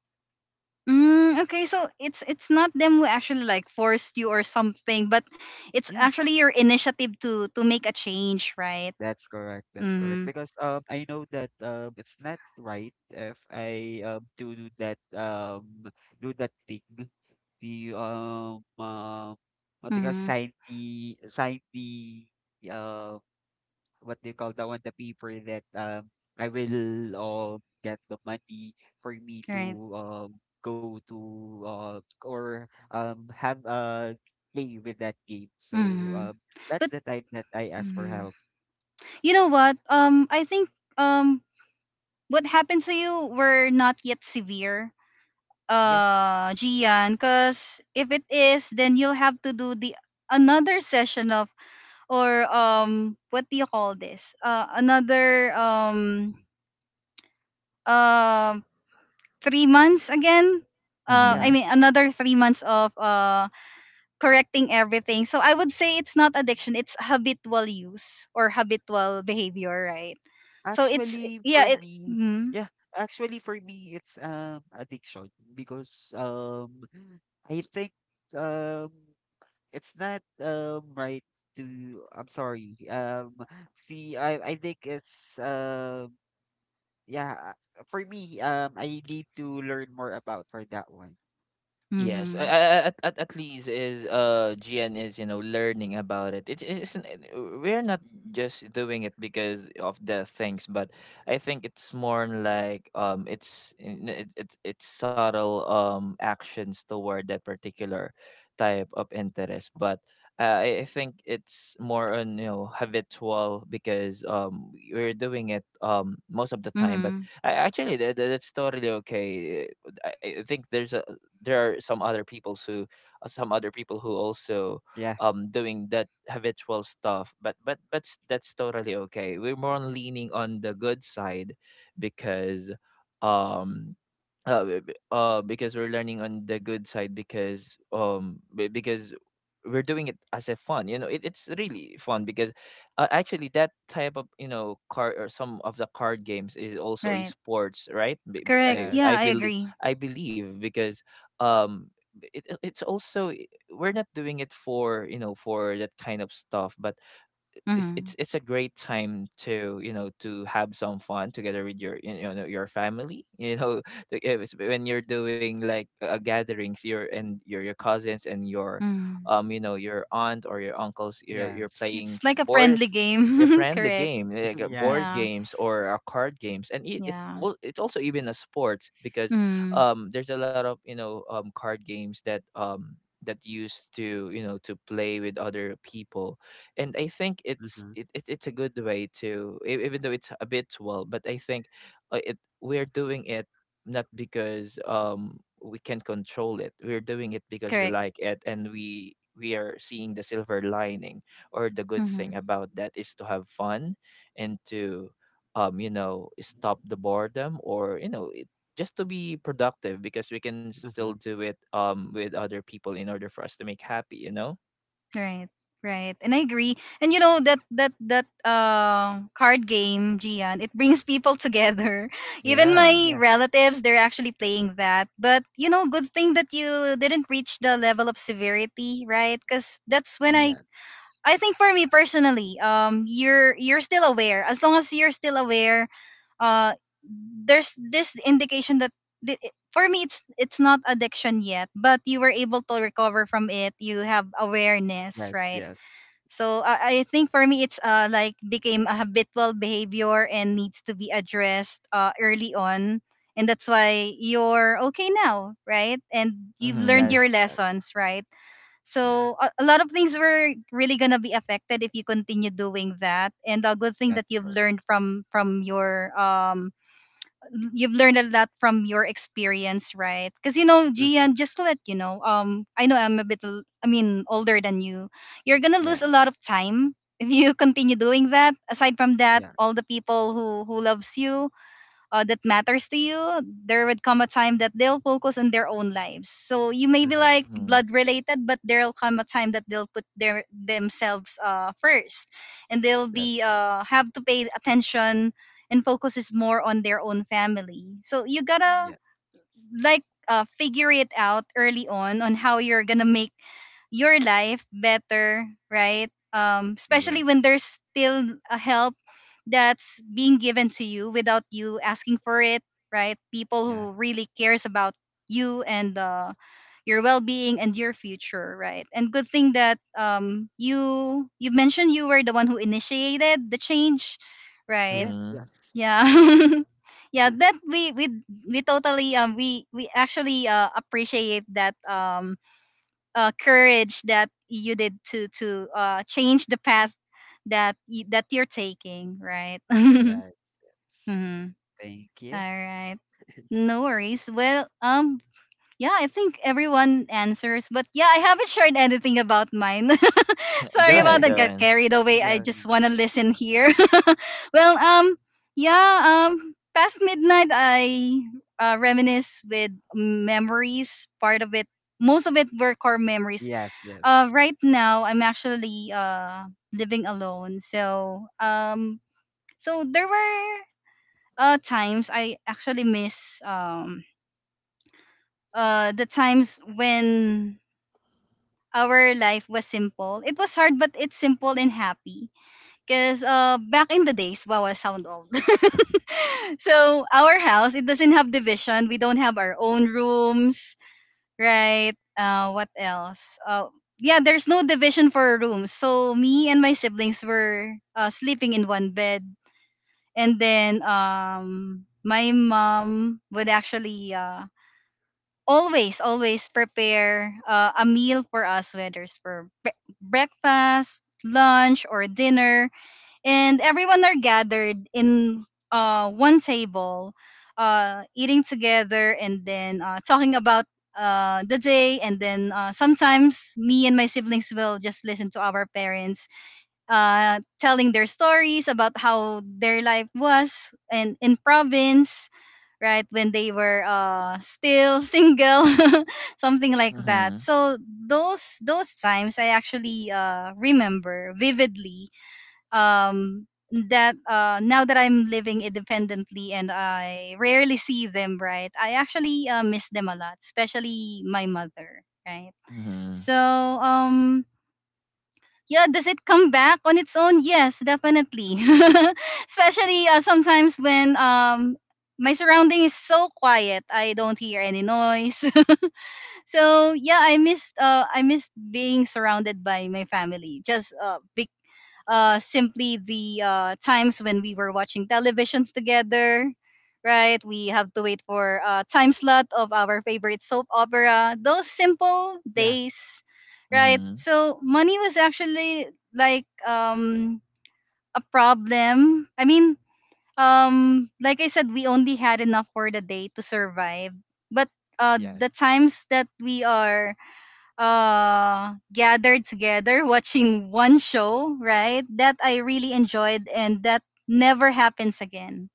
[SPEAKER 1] Mm, okay, so it's not them who actually like forced you or something, but it's
[SPEAKER 3] Yeah.
[SPEAKER 1] actually your initiative to make a change, right?
[SPEAKER 3] That's correct. That's correct.
[SPEAKER 1] Mm-hmm.
[SPEAKER 3] Because I know that it's not right if I to do that do that thing, the what do you call
[SPEAKER 1] Mm-hmm.
[SPEAKER 3] sign the uh what do you call that one the paper that I will get the money for me to
[SPEAKER 1] Right.
[SPEAKER 3] go to uh or have a play with that game. So
[SPEAKER 1] Mm-hmm.
[SPEAKER 3] that's
[SPEAKER 1] But
[SPEAKER 3] the time that I ask for
[SPEAKER 1] mhm,
[SPEAKER 3] help.
[SPEAKER 1] you know what? I think um, what happened to you were not yet severe,
[SPEAKER 3] Yeah.
[SPEAKER 1] Gian. Cause if it is, then you'll have to do the another session of, or what do you call this? Another um 3 months again.
[SPEAKER 2] Mm-hmm.
[SPEAKER 1] I mean,
[SPEAKER 3] Yes.
[SPEAKER 1] another 3 months of correcting everything. So I would say it's not addiction; it's habitual use or habitual behavior, right? So it's,
[SPEAKER 3] Actually, for
[SPEAKER 1] yeah, it.
[SPEAKER 3] me,
[SPEAKER 1] Mm,
[SPEAKER 3] yeah, actually for me it's addiction because I think um it's not right to I'm sorry. See I think it's yeah, for me I need to learn more about for that one.
[SPEAKER 2] Yes,
[SPEAKER 1] mm-hmm,
[SPEAKER 2] at least is GN is learning about it. It is, we're not just doing it because of the things, but I think it's more on, like, it's subtle, actions toward that particular type of interest. But I think it's more on, habitual, because we're doing it most of the time. But
[SPEAKER 1] mm-hmm,
[SPEAKER 2] actually that's totally okay. I think there are some other people who, also
[SPEAKER 3] Yeah,
[SPEAKER 2] doing that habitual stuff, but that's totally okay. We're more on leaning on the good side, because um because we're learning on the good side, because we're doing it as a fun, it's really fun, because actually that type of, card, or some of the card games is also a
[SPEAKER 1] right,
[SPEAKER 2] sports, right?
[SPEAKER 1] correct.
[SPEAKER 3] yes.
[SPEAKER 1] Yeah,
[SPEAKER 2] I
[SPEAKER 1] I
[SPEAKER 2] believe,
[SPEAKER 1] agree.
[SPEAKER 2] because um it's also, we're not doing it for, for that kind of stuff. But it's
[SPEAKER 1] Mm-hmm,
[SPEAKER 2] it's it's a great time to, to have some fun together with your, your family, you know, if it's- when you're doing like, gatherings, your cousins and your,
[SPEAKER 1] mm-hmm.
[SPEAKER 2] your aunt or your uncles, you're
[SPEAKER 3] Yes.
[SPEAKER 1] It's
[SPEAKER 2] playing
[SPEAKER 1] like a
[SPEAKER 2] board,
[SPEAKER 1] friendly
[SPEAKER 2] a
[SPEAKER 1] game.
[SPEAKER 2] friendly
[SPEAKER 1] Correct.
[SPEAKER 2] game, like,
[SPEAKER 3] Yeah.
[SPEAKER 2] board
[SPEAKER 1] Yeah,
[SPEAKER 2] games, or card games. And,
[SPEAKER 1] yeah.
[SPEAKER 2] it's also even a sport, because
[SPEAKER 1] Mm,
[SPEAKER 2] there's a lot of, card games that used to, to play with other people. And I think it's
[SPEAKER 3] Mm-hmm,
[SPEAKER 2] it, it it's a good way to, even though it's habitual, but I think, it we're doing it not because we can control it. We're doing it because we
[SPEAKER 1] correct.
[SPEAKER 2] like it, and we are seeing the silver lining, or the good
[SPEAKER 1] Mm-hmm.
[SPEAKER 2] thing about that is to have fun, and to stop the boredom. Or, just to be productive, because we can still
[SPEAKER 3] mm-hmm.
[SPEAKER 2] do it, with other people in order for us to make happy, you know.
[SPEAKER 1] Right, right. And I agree. And you know that uh, card game, Gian, it brings people together. Even
[SPEAKER 2] Yeah.
[SPEAKER 1] my
[SPEAKER 3] Yeah.
[SPEAKER 1] relatives, they're actually playing that. But you know, good thing that you didn't reach the level of severity, right? Cuz that's when I
[SPEAKER 3] Yeah.
[SPEAKER 1] I think for me personally, you're still aware. As long as you're still aware, uh, there's this indication that for me it's not addiction yet, but you were able to recover from it. You have awareness,
[SPEAKER 3] Yes,
[SPEAKER 1] right?
[SPEAKER 3] yes.
[SPEAKER 1] So I think for me it's uh, like became a habitual behavior and needs to be addressed uh, early on, and that's why you're okay now, right? And you've learned
[SPEAKER 2] Mhm.
[SPEAKER 1] your
[SPEAKER 3] Yes. yes,
[SPEAKER 1] lessons, right?
[SPEAKER 3] Yeah.
[SPEAKER 1] So a lot of things were really gonna be affected if you continue doing that. And a good thing that
[SPEAKER 3] That's
[SPEAKER 1] you've
[SPEAKER 3] correct.
[SPEAKER 1] learned from your um, you've learned a lot from your experience, right? Because you know,
[SPEAKER 3] Mhm,
[SPEAKER 1] Gian, just to let you know, I know I'm a bit, I mean, older than you. You're gonna
[SPEAKER 3] Yeah.
[SPEAKER 1] lose a lot of time if you continue doing that. Aside from that,
[SPEAKER 3] Yeah.
[SPEAKER 1] all the people who loves you that matters to you, there would come a time that they'll focus on their own lives. So you may be
[SPEAKER 3] Mm-hmm.
[SPEAKER 1] like
[SPEAKER 2] Mhm.
[SPEAKER 1] blood related, but there'll come a time that they'll put their themselves first, and they'll be
[SPEAKER 3] That's all.
[SPEAKER 1] have to pay attention and focus is more on their own family. So you gotta
[SPEAKER 3] Yeah.
[SPEAKER 1] like figure it out early on how you're gonna make your life better, right? Especially
[SPEAKER 3] Yes.
[SPEAKER 1] when there's still a help that's being given to you without you asking for it, right? People
[SPEAKER 3] Yeah.
[SPEAKER 1] who really cares about you and your well-being and your future, right? And good thing that you, you mentioned you were the one who initiated the change, right?
[SPEAKER 3] Yes.
[SPEAKER 2] Mhm.
[SPEAKER 3] Yes.
[SPEAKER 1] Yeah. Yeah, that we totally um, we actually uh, appreciate that um, uh, courage that you did to uh, change the path that that you're taking, right?
[SPEAKER 3] Yes. Yes.
[SPEAKER 1] Mhm.
[SPEAKER 3] Thank you.
[SPEAKER 1] All right. No worries. Well, um, yeah, I think everyone answers, but yeah, I haven't shared anything about mine.
[SPEAKER 2] Go
[SPEAKER 1] Sorry about
[SPEAKER 2] ahead,
[SPEAKER 1] that. Got
[SPEAKER 2] Joanne.
[SPEAKER 1] carried away. I
[SPEAKER 3] yeah.
[SPEAKER 1] just wanna listen here. Well, yeah, past midnight, I reminisce with memories. Part of it, most of it were core memories.
[SPEAKER 3] Yes. Yes.
[SPEAKER 1] Right now, I'm actually uh, living alone, so so there were uh, times I actually miss um, uh, the times when our life was simple. It was hard, but it's simple and happy. Because back in the days, wow, I sound old. So our house, it doesn't have division. We don't have our own rooms, right? What else? Yeah, there's no division for rooms. So me and my siblings were sleeping in one bed, and then my mom would actually always prepare a meal for us, whether it's for breakfast, lunch, or dinner, and everyone are gathered in one table, eating together, and then talking about the day. And then sometimes me and my siblings will just listen to our parents telling their stories about how their life was and in province, right, when they were still single something like that.
[SPEAKER 2] Mhm.
[SPEAKER 1] So those times I actually remember vividly. um, that now that I'm living independently and I rarely see them, right, I actually miss them a lot, especially my mother, right?
[SPEAKER 2] Mhm.
[SPEAKER 1] So um yeah, does it come back on its own? Yes, definitely. Especially sometimes when my surrounding is so quiet, I don't hear any noise. So yeah, I missed being surrounded by my family, just simply the times when we were watching televisions together, right? We have to wait for a time slot of our favorite soap opera. Those simple
[SPEAKER 3] Yeah.
[SPEAKER 1] days, right?
[SPEAKER 2] Mhm.
[SPEAKER 1] So money was actually like a problem. I mean, like I said, we only had enough for the day to survive. But
[SPEAKER 3] Yes.
[SPEAKER 1] the times that we are gathered together watching one show, right, that I really enjoyed, and that never happens again,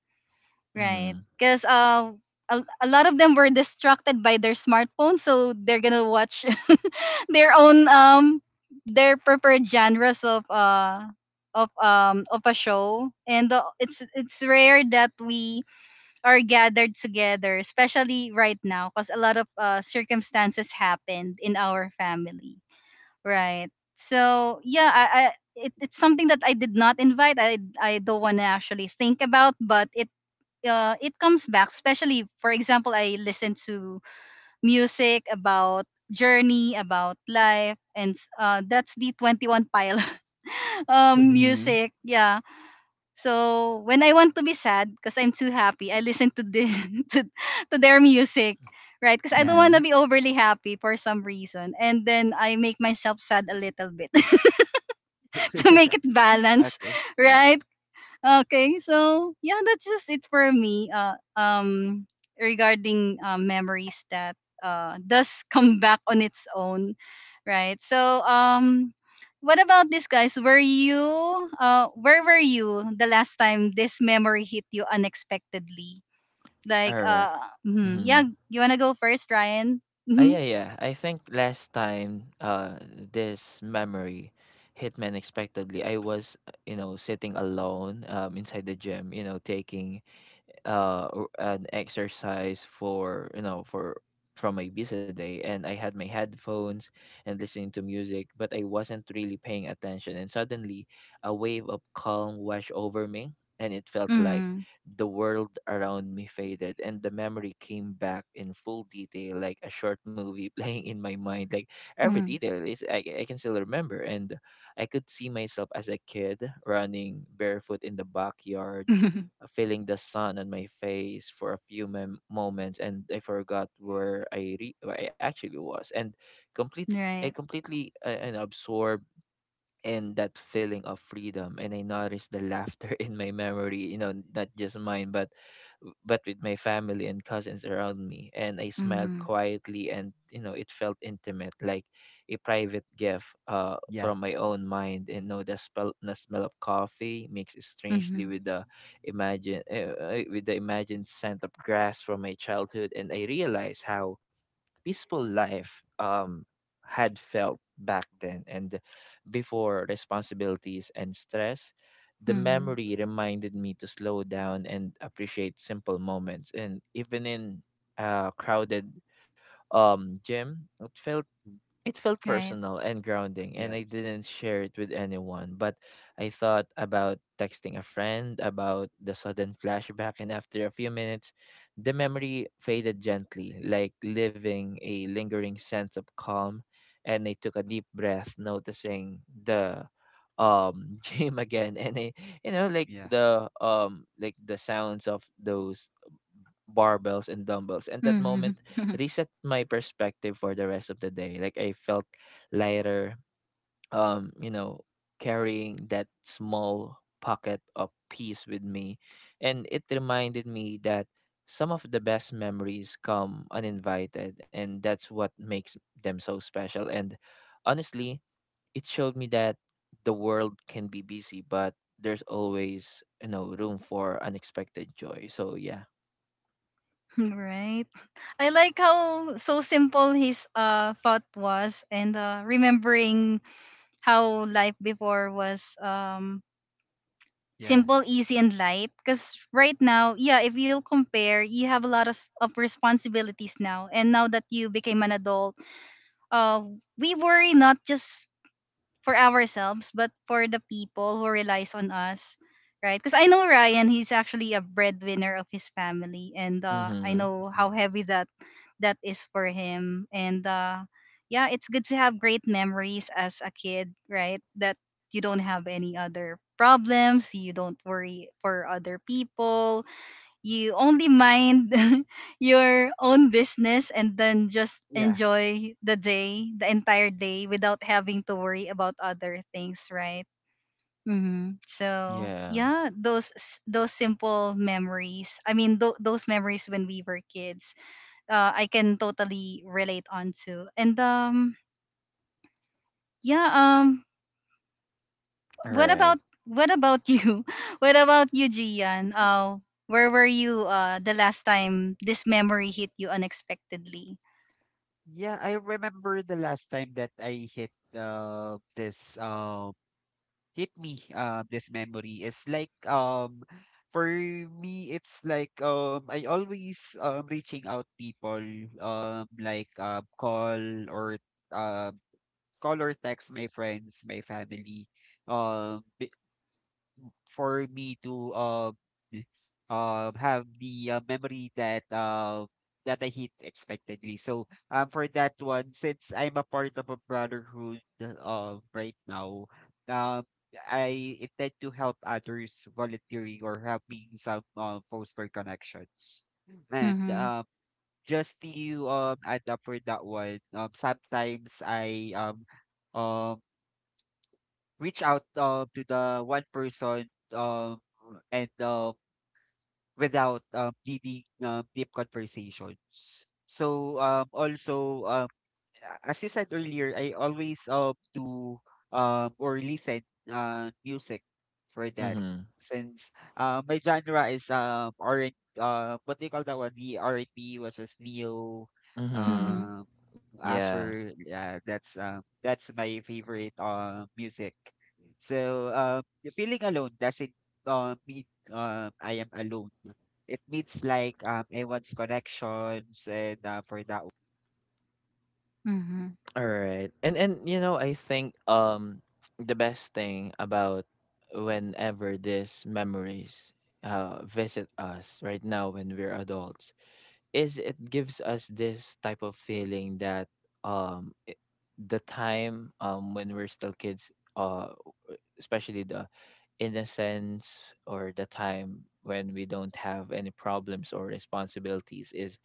[SPEAKER 1] right?
[SPEAKER 2] Mhm.
[SPEAKER 1] Because a lot of them were distracted by their smartphone, so they're gonna watch their own their preferred genres of a show. And it's rare that we are gathered together, especially right now, because a lot of circumstances happened in our family. Right. So yeah, it's something that I did not invite. I don't want to actually think about, but it it comes back. Especially, for example, I listen to music about journey, about life, and that's the 21 Pile
[SPEAKER 2] Mhm.
[SPEAKER 1] music. Yeah. So when I want to be sad because I'm too happy, I listen to the to, to their music, right? Because I don't
[SPEAKER 3] yes.
[SPEAKER 1] want to
[SPEAKER 2] Mhm.
[SPEAKER 1] be overly happy for some reason, and then I make myself sad a little bit. To make it balance,
[SPEAKER 3] okay.
[SPEAKER 1] right? Okay, so yeah, that's just it for me. Regarding memories that does come back on its own, right? So what about this, guys? Were you where were you the last time this memory hit you unexpectedly? Like
[SPEAKER 2] all right
[SPEAKER 1] mhm.
[SPEAKER 2] mhm.
[SPEAKER 1] Yeah, you wanna go first, Ryan?
[SPEAKER 2] Ah, yeah,
[SPEAKER 1] Mm-hmm.
[SPEAKER 2] yeah. I think last time, this memory hit me unexpectedly. I was, sitting alone, inside the gym, you know, taking or an exercise for, from my busy day. And I had my headphones and listening to music, but I wasn't really paying attention. And suddenly a wave of calm washed over me, and it felt like
[SPEAKER 1] Mm-hmm.
[SPEAKER 2] the world around me faded, and the memory came back in full detail, like a short movie playing in my mind. Like every detail is, I can still remember. And I could see myself as a kid running barefoot in the backyard,
[SPEAKER 1] Mm-hmm.
[SPEAKER 2] feeling the sun on my face for a few moments, and I forgot where I actually was, and complete I
[SPEAKER 1] Right.
[SPEAKER 2] completely, and absorbed, and that feeling of freedom. And I noticed the laughter in my memory, not just mine, but with my family and cousins around me, and I smiled
[SPEAKER 1] Mm-hmm.
[SPEAKER 2] quietly. And it felt intimate, like a private gift
[SPEAKER 3] Yeah.
[SPEAKER 2] from my own mind. And the smell of coffee mixed strangely
[SPEAKER 1] Mm-hmm.
[SPEAKER 2] with the imagine with the imagined scent of grass from my childhood, and I realized how peaceful life had felt back then. And before responsibilities and stress, the
[SPEAKER 1] Mm-hmm.
[SPEAKER 2] memory reminded me to slow down and appreciate simple moments. And even in a crowded, gym, it
[SPEAKER 3] Mm,
[SPEAKER 2] felt
[SPEAKER 1] Right.
[SPEAKER 2] personal and grounding, and I
[SPEAKER 3] Yes.
[SPEAKER 2] didn't share it with anyone. But I thought about texting a friend about the sudden flashback, and after a few minutes, the memory faded gently, like leaving a lingering sense of calm. And I took a deep breath, noticing the gym again. And I, you know
[SPEAKER 3] Yeah.
[SPEAKER 2] like the sounds of those barbells and dumbbells, and that moment
[SPEAKER 1] Mm-hmm.
[SPEAKER 2] reset my perspective for the rest of the day. Like I felt lighter, um you know carrying that small pocket of peace with me. And it reminded me that some of the best memories come uninvited, and that's what makes them so special. And honestly, it showed me that the world can be busy, but there's always, room for unexpected joy. So yeah.
[SPEAKER 1] Right. I like how so simple his thought was, and remembering how life before was simple,
[SPEAKER 3] Yes.
[SPEAKER 1] easy, and light, because right now, yeah, if you compare, you have a lot of, of responsibilities now, and now that you became an adult, uh we worry not just for ourselves, but for the people who relies on us, right? Because I know Ryan, he's actually a breadwinner of his family, and I
[SPEAKER 2] Mhm.
[SPEAKER 1] know how heavy
[SPEAKER 3] Yes.
[SPEAKER 1] that is for him. And yeah, it's good to have great memories as a kid, right? That you don't have any other problems, you don't worry for other people, you only mind your own business, and then just
[SPEAKER 3] Yeah.
[SPEAKER 1] enjoy the day, the entire day, without having to worry about other things, right? Hmm. So
[SPEAKER 2] Yeah.
[SPEAKER 1] yeah, those simple memories. I mean, those memories when we were kids, I can totally relate onto. And yeah, um,
[SPEAKER 2] All
[SPEAKER 1] what
[SPEAKER 2] right.
[SPEAKER 1] about you? What about you, Gian? Where were you the last time this memory hit you unexpectedly?
[SPEAKER 3] Yeah. I remember the last time that I hit this hit me this memory is like for me it's like I always reaching out people call or um call or text my friends my family um for me to have the memory that that I hit expectedly. So for that one, since I'm a part of a brotherhood right now, um, I intend to help others volunteering or helping some foster connections. And
[SPEAKER 1] Mhm.
[SPEAKER 3] just to add up for that one, sometimes I um reach out to the one person and without needing deep conversations. So also a- as you said earlier, I always do or listen music for that
[SPEAKER 2] Mhm.
[SPEAKER 3] since my genre is R and what do you call that one the R and B which is neo
[SPEAKER 2] Mhm.
[SPEAKER 1] Mhm.
[SPEAKER 3] um
[SPEAKER 2] Yeah.
[SPEAKER 3] Asher, yeah, that's my favorite music. So the feeling alone doesn't mean I am alone. It means like everyone's connections and for that one.
[SPEAKER 1] Mhm.
[SPEAKER 2] All right. And I think, the best thing about whenever these memories, visit us right now when we're adults, is it gives us this type of feeling that, um i- the time, when we're still kids, uh especially the innocence, or the time when we don't have any problems or responsibilities, is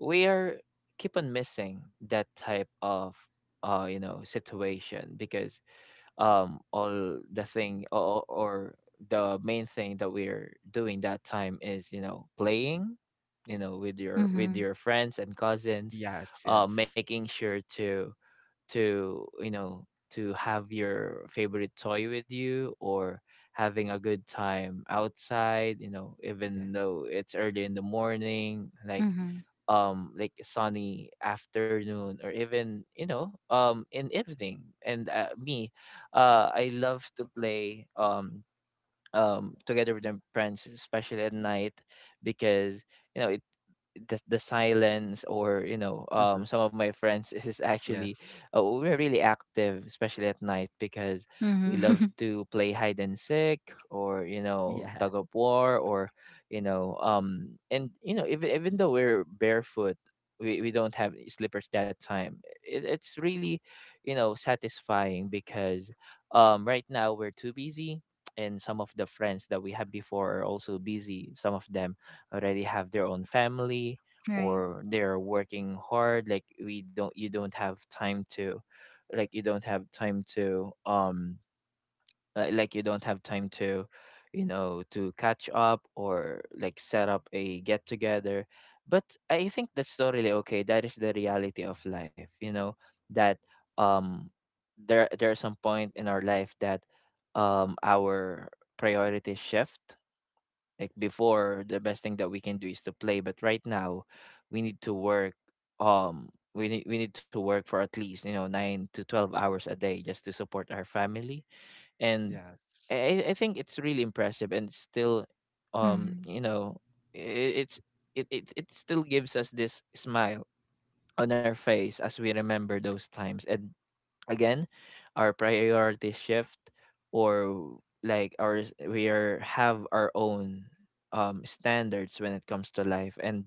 [SPEAKER 2] we are keep on missing that type of, situation, because all the thing or the main thing that we're doing that time is, playing, with your, with
[SPEAKER 1] Mhm.
[SPEAKER 2] your friends and cousins,
[SPEAKER 3] Yes, yes.
[SPEAKER 2] making sure to, have your favorite toy with you, or having a good time outside,
[SPEAKER 3] Yeah.
[SPEAKER 2] even though it's early in the morning, like,
[SPEAKER 1] Mhm.
[SPEAKER 2] like sunny afternoon, or even, in evening. And uh, me uh I love to play, together with my friends, especially at night, because, you know, it the silence, or
[SPEAKER 3] Hmm.
[SPEAKER 2] some of my friends is actually,
[SPEAKER 3] Yes.
[SPEAKER 2] we're really active, especially at night, because
[SPEAKER 1] Mhm.
[SPEAKER 2] we love to play hide and seek, or,
[SPEAKER 3] Yeah.
[SPEAKER 2] tug of war, or, you know and you know even though we're barefoot, we don't have slippers that time. It's really, satisfying, because right now we're too busy, and some of the friends that we had before are also busy, some of them already have their own family,
[SPEAKER 1] Right.
[SPEAKER 2] or they're working hard. Like we don't you don't have time to, like, you don't have time to like you don't have time to to catch up or like set up a get together. But I think that's totally okay. That is the reality of life, you know, that um there's some point in our life that our priorities shift. Like before, the best thing that we can do is to play, but right now, we need to work. We need to work for at least you know 9 to 12 hours a day just to support our family, and
[SPEAKER 3] Yes.
[SPEAKER 2] I think it's really impressive. And it's still,
[SPEAKER 1] Mhm.
[SPEAKER 2] you know, I it's it it still gives us this smile on our face as we remember those times. And again, our priority shift, or like our, we are have our own standards when it comes to life. And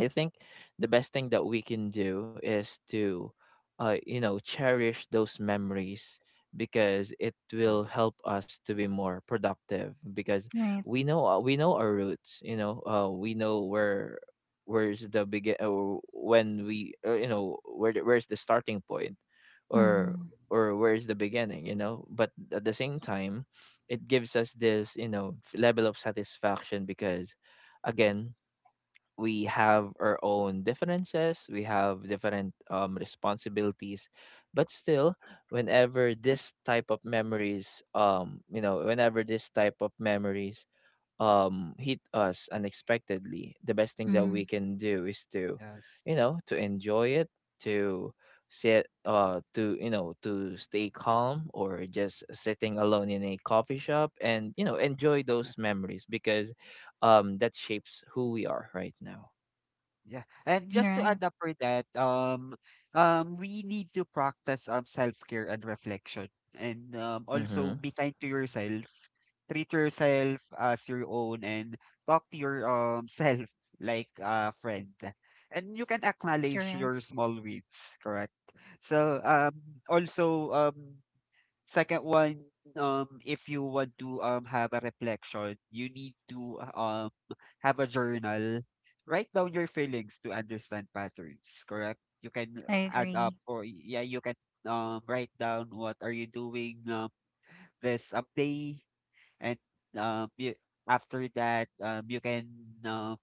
[SPEAKER 2] I think the best thing that we can do is to, you know, cherish those memories, because it will
[SPEAKER 3] Yes.
[SPEAKER 2] help us to be more productive, because
[SPEAKER 1] Right.
[SPEAKER 2] we know our roots. You know, we know where where's the begin, or when we you know, where the, where's the starting point, or
[SPEAKER 1] Mhm.
[SPEAKER 2] or where's the beginning, you know, but at the same time it gives us this you know level of satisfaction, because again we have our own differences. We have different responsibilities, but still, whenever this type of memories, whenever this type of memories hit us unexpectedly, the best thing that we
[SPEAKER 1] Mhm.
[SPEAKER 2] can do is to you know to enjoy it, to sit to you know, to stay calm, or just sitting alone in a coffee shop, and you know, enjoy those
[SPEAKER 3] Yes.
[SPEAKER 2] memories, because that shapes who we are right now.
[SPEAKER 3] Yeah. And just to
[SPEAKER 1] Right.
[SPEAKER 3] add up for that, we need to practice self-care and reflection. And also
[SPEAKER 2] Mhm.
[SPEAKER 3] be kind to yourself. Treat yourself as your own and talk to your self like a friend. And you can acknowledge
[SPEAKER 1] Correct.
[SPEAKER 3] your small wins, correct? So also second one, if you want to have a reflection, you need to have a journal, write down your feelings to understand patterns, correct? You can
[SPEAKER 1] I
[SPEAKER 3] add up
[SPEAKER 1] agree.
[SPEAKER 3] or yeah, you can write down what are you doing this day and you, after that you can um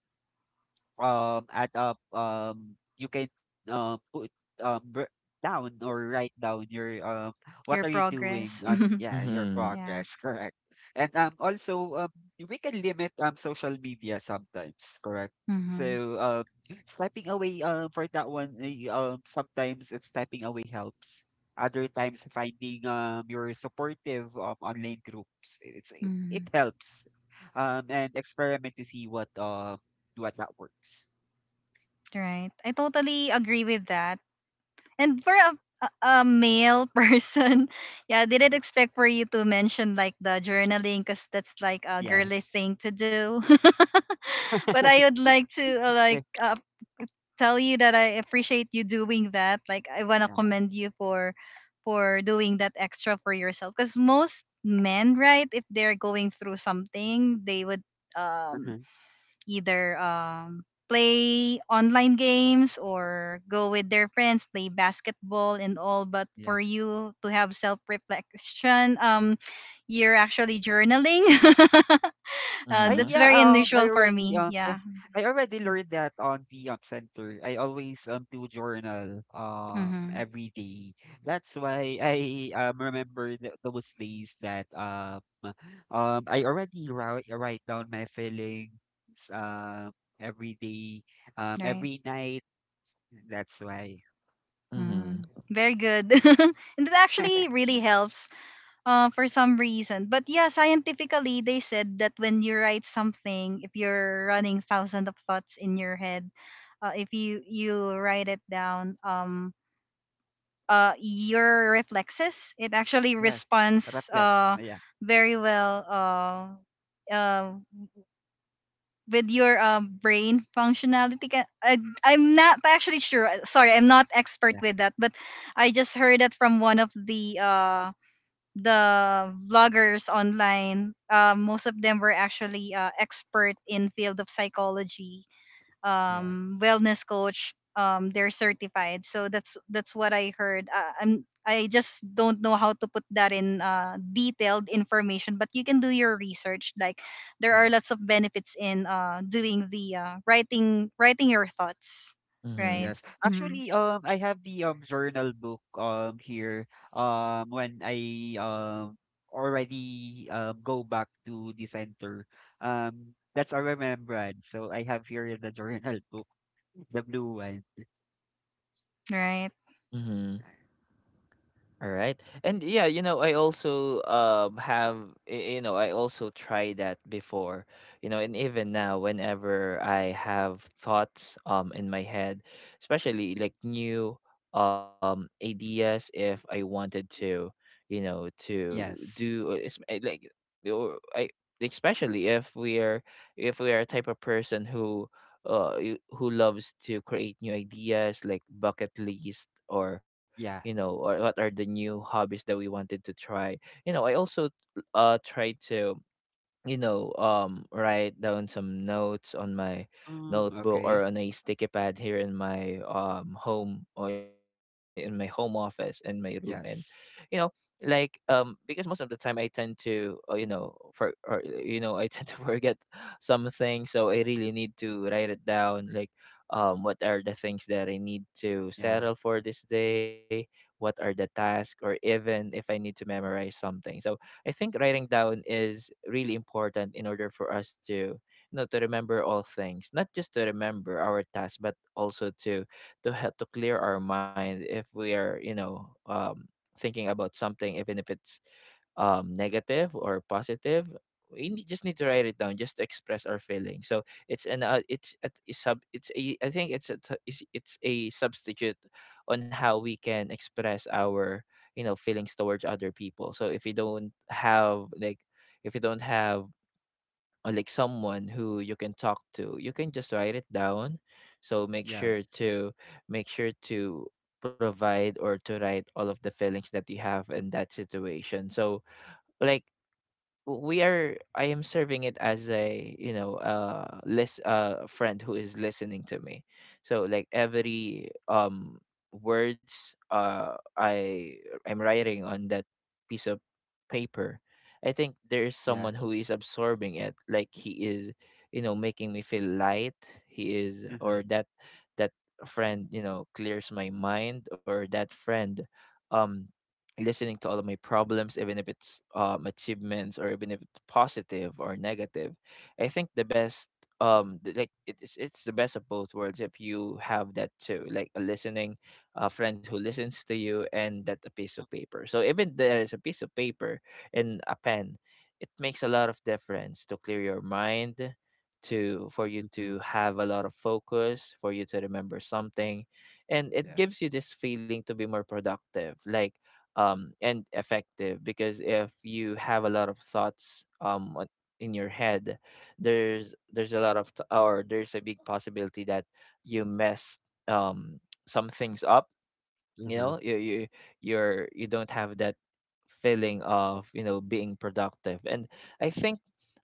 [SPEAKER 3] add up you can put um br- down or write down your what
[SPEAKER 1] Your
[SPEAKER 3] are you doing
[SPEAKER 1] progress.
[SPEAKER 3] on yeah your
[SPEAKER 2] Mhm.
[SPEAKER 1] Yeah.
[SPEAKER 3] progress correct and also we can limit social media sometimes correct
[SPEAKER 1] Mhm.
[SPEAKER 3] so stepping away for that one sometimes it's stepping away helps other times finding your supportive online groups it
[SPEAKER 1] Mhm.
[SPEAKER 3] helps and experiment to see what that works.
[SPEAKER 1] Right. I totally agree with that. And for a male person, yeah, I didn't expect for you to mention like the journaling, because that's like a
[SPEAKER 3] Yes.
[SPEAKER 1] girly thing to do. But I would like to
[SPEAKER 3] Yeah.
[SPEAKER 1] tell you that I appreciate you doing that. Like, I wanna
[SPEAKER 3] Yeah.
[SPEAKER 1] commend you for doing that extra for yourself, because most men, right, if they're going through something, they would um
[SPEAKER 3] mhm,
[SPEAKER 1] either play online games or go with their friends, play basketball and all. But
[SPEAKER 3] Yeah.
[SPEAKER 1] for you to have self reflection, you're actually journaling.
[SPEAKER 3] I
[SPEAKER 2] Mhm.
[SPEAKER 1] That's
[SPEAKER 3] yeah,
[SPEAKER 1] very
[SPEAKER 3] I
[SPEAKER 1] unusual for
[SPEAKER 3] already
[SPEAKER 1] me.
[SPEAKER 3] yeah,
[SPEAKER 1] Yeah.
[SPEAKER 3] I already learned that on the center. I always do journal
[SPEAKER 1] Mm-hmm.
[SPEAKER 3] every day. That's why I remember th those days that I already write down my feelings um every day,
[SPEAKER 1] Right.
[SPEAKER 3] every night. That's why.
[SPEAKER 2] Mhm.
[SPEAKER 1] Mm. Very good. And it actually really helps for some reason. But yeah, scientifically, they said that when you write something, if you're running thousands of thoughts in your head, if you write it down, your reflexes, it actually
[SPEAKER 3] Yes.
[SPEAKER 1] responds
[SPEAKER 3] Reflect.
[SPEAKER 1] uh
[SPEAKER 3] Yeah.
[SPEAKER 1] very well uh uh with your brain functionality. I'm not actually sure, sorry, I'm not expert
[SPEAKER 3] Yeah.
[SPEAKER 1] with that, but I just heard that from one of the vloggers online. Most of them were actually expert in field of psychology,
[SPEAKER 3] Yes.
[SPEAKER 1] wellness coach. They're certified, so that's what I heard. I'm, I just don't know how to put that in detailed information, but you can do your research. Like, there are lots
[SPEAKER 3] Yes.
[SPEAKER 1] of benefits in doing the writing your thoughts, right?
[SPEAKER 2] Mhm.
[SPEAKER 3] Yes.
[SPEAKER 1] Mm,
[SPEAKER 3] Actually, I have the journal book here when I already go back to the center. That's a remembrance. So I have here the journal book, the blue one.
[SPEAKER 1] right,
[SPEAKER 2] Mhm. All right. And yeah, you know, I also have, you know, I also tried that before. You know, and even now whenever I have thoughts in my head, especially like new ideas, if I wanted to, you know, to
[SPEAKER 3] Yes.
[SPEAKER 2] do it's like or I especially if we are, if we are a type of person who who loves to create new ideas like bucket list, or you
[SPEAKER 3] Yeah.
[SPEAKER 2] know, or what are the new hobbies that we wanted to try, you know. I also try to, you know, write down some notes on my
[SPEAKER 3] Mm,
[SPEAKER 2] notebook
[SPEAKER 3] okay.
[SPEAKER 2] or on a sticky pad here in my home or in my home office in my room. And you know,
[SPEAKER 3] Yes.
[SPEAKER 2] like because most of the time I tend to, you know, for or you know, I tend to forget something, so I really need to write it down, like what are the things that I need to
[SPEAKER 3] Yeah.
[SPEAKER 2] settle for this day. What are the tasks, or even if I need to memorize something. So I think writing down is really important in order for us to you know to remember all things, not just to remember our tasks, but also to help to clear our mind if we are you know thinking about something, even if it's negative or positive. We just need to write it down, just to express our feelings. So it's an it's a t- sub it's a I think it's a it's it's a substitute on how we can express our you know feelings towards other people. So if you don't have like, if you don't have like someone who you can talk to, you can just write it down, so make sure
[SPEAKER 3] Yes.
[SPEAKER 2] to make sure to provide or to write all of the feelings that you have in that situation. So like, we are, I am serving it as a you know list friend who is listening to me. So like, every words I am writing on that piece of paper, I think there is someone who is
[SPEAKER 3] Yes.
[SPEAKER 2] absorbing it, like he is you know making me feel light. He is,
[SPEAKER 3] Mm-hmm.
[SPEAKER 2] or that, that friend you know clears my mind, or that friend um listening to all of my problems, even if it's achievements, or even if it's positive or negative. I think the best like it's the best of both worlds if you have that too, like a listening, a friend who listens to you and that a piece of paper. So even there is a piece of paper and a pen, it makes a lot of difference to clear your mind, to for you
[SPEAKER 3] Mm-hmm.
[SPEAKER 2] to have a lot of focus, for you to remember something, and it
[SPEAKER 3] Yes.
[SPEAKER 2] gives you this feeling to be more productive, like and effective, because if you have a lot of thoughts in your head, there's a lot of t- or there's a big possibility that you messed um, some things up. You know,
[SPEAKER 3] Mm-hmm.
[SPEAKER 2] you're, you don't have that feeling of you know being productive. And I think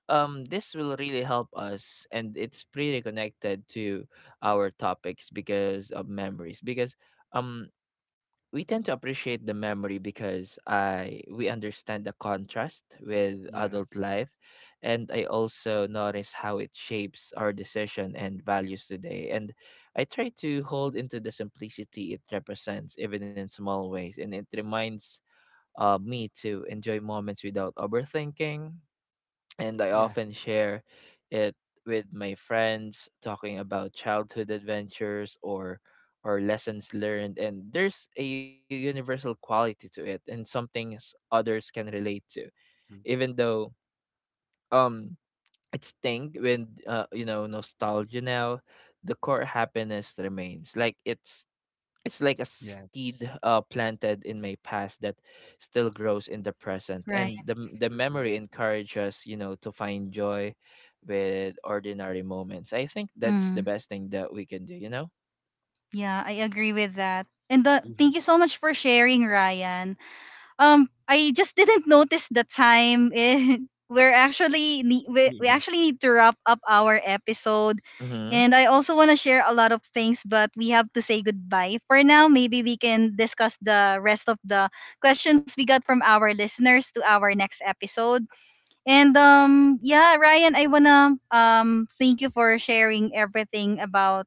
[SPEAKER 2] this will really help us, and it's pretty connected to our topics because of memories, because um we tend to appreciate the memory because I we understand the contrast with adult
[SPEAKER 3] Yes.
[SPEAKER 2] life, and I also notice how it shapes our decision and values today. And I try to hold into the simplicity it represents, even in small ways, and it reminds me to enjoy moments without overthinking, and I
[SPEAKER 3] Yeah.
[SPEAKER 2] often share it with my friends, talking about childhood adventures or lessons learned. And there's a universal quality to it, and something others can relate to.
[SPEAKER 3] Mhm,
[SPEAKER 2] Even though um it's tinged with you know, nostalgia now, the core happiness remains. Like it's like a seed
[SPEAKER 3] Yes.
[SPEAKER 2] planted in my past that still grows in the present. And
[SPEAKER 1] right.
[SPEAKER 2] the the
[SPEAKER 3] Mm-hmm.
[SPEAKER 2] memory encourages us, you know, to find joy with ordinary moments. I think that's the
[SPEAKER 1] Mm.
[SPEAKER 2] best thing that we can do, you know.
[SPEAKER 1] Yeah, I agree with that. And the,
[SPEAKER 3] Mm-hmm.
[SPEAKER 1] thank you so much for sharing, Ryan. I just didn't notice the time. Eh, we
[SPEAKER 3] Yeah.
[SPEAKER 1] actually need to wrap up our episode,
[SPEAKER 2] Mm-hmm.
[SPEAKER 1] and I also want to share a lot of things, but we have to say goodbye for now. Maybe we can discuss the rest of the questions we got from our listeners to our next episode. And yeah, Ryan, I wanna thank you for sharing everything about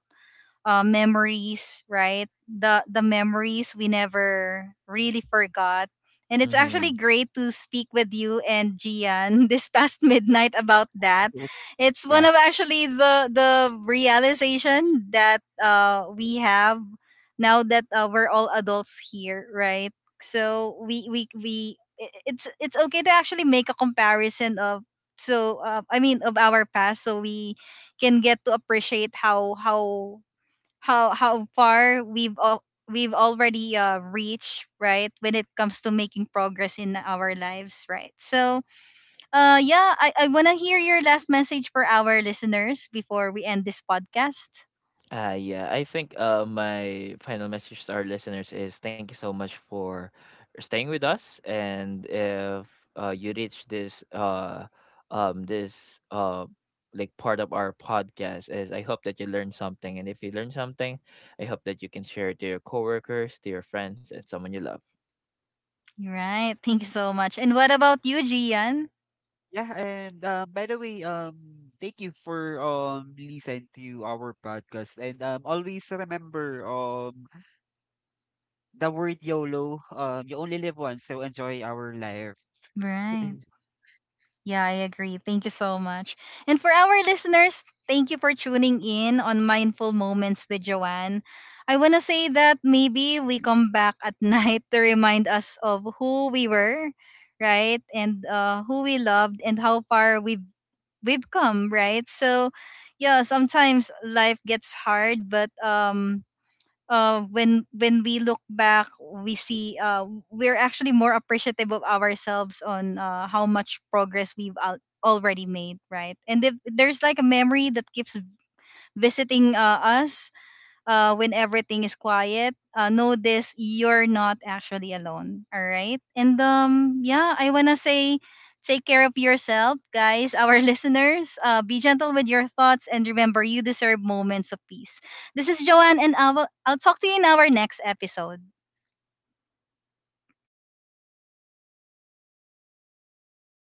[SPEAKER 1] memories, right? The memories we never really forgot. And it's actually
[SPEAKER 2] Mm-hmm.
[SPEAKER 1] great to speak with you and Gian this past midnight about that. It's one
[SPEAKER 3] Yeah.
[SPEAKER 1] of actually the realization that we have now that we're all adults here, right? So it's okay to actually make a comparison of, I mean, of our past, so we can get to appreciate how how far we've already reached, right, when it comes to making progress in our lives, right? So yeah, I want to hear your last message for our listeners before we end this podcast.
[SPEAKER 2] Yeah, I think my final message to our listeners is thank you so much for staying with us. And if you reach this this like part of our podcast, is I hope that you learned something. And if you learned something, I hope that you can share it to your coworkers, to your friends, and someone you love.
[SPEAKER 1] Right, thank you so much. And what about you, Gian?
[SPEAKER 3] Yeah, and by the way, thank you for listening to our podcast, and always remember the word YOLO. You only live once, so enjoy our life.
[SPEAKER 1] Right. Yeah, I agree. Thank you so much. And for our listeners, thank you for tuning in on Mindful Moments with Joanne. I want to say that maybe we come back at night to remind us of who we were, right? And who we loved and how far we've come, right? So, yeah, sometimes life gets hard, but when we look back, we see we're actually more appreciative of ourselves on how much progress we've already made, right? And if there's like a memory that keeps visiting us, when everything is quiet, know this, you're not actually alone. All right. And yeah, I want to say take care of yourself, guys, our listeners. Be gentle with your thoughts, and remember, you deserve moments of peace. This is Joanne, and I'll talk to you in our next episode.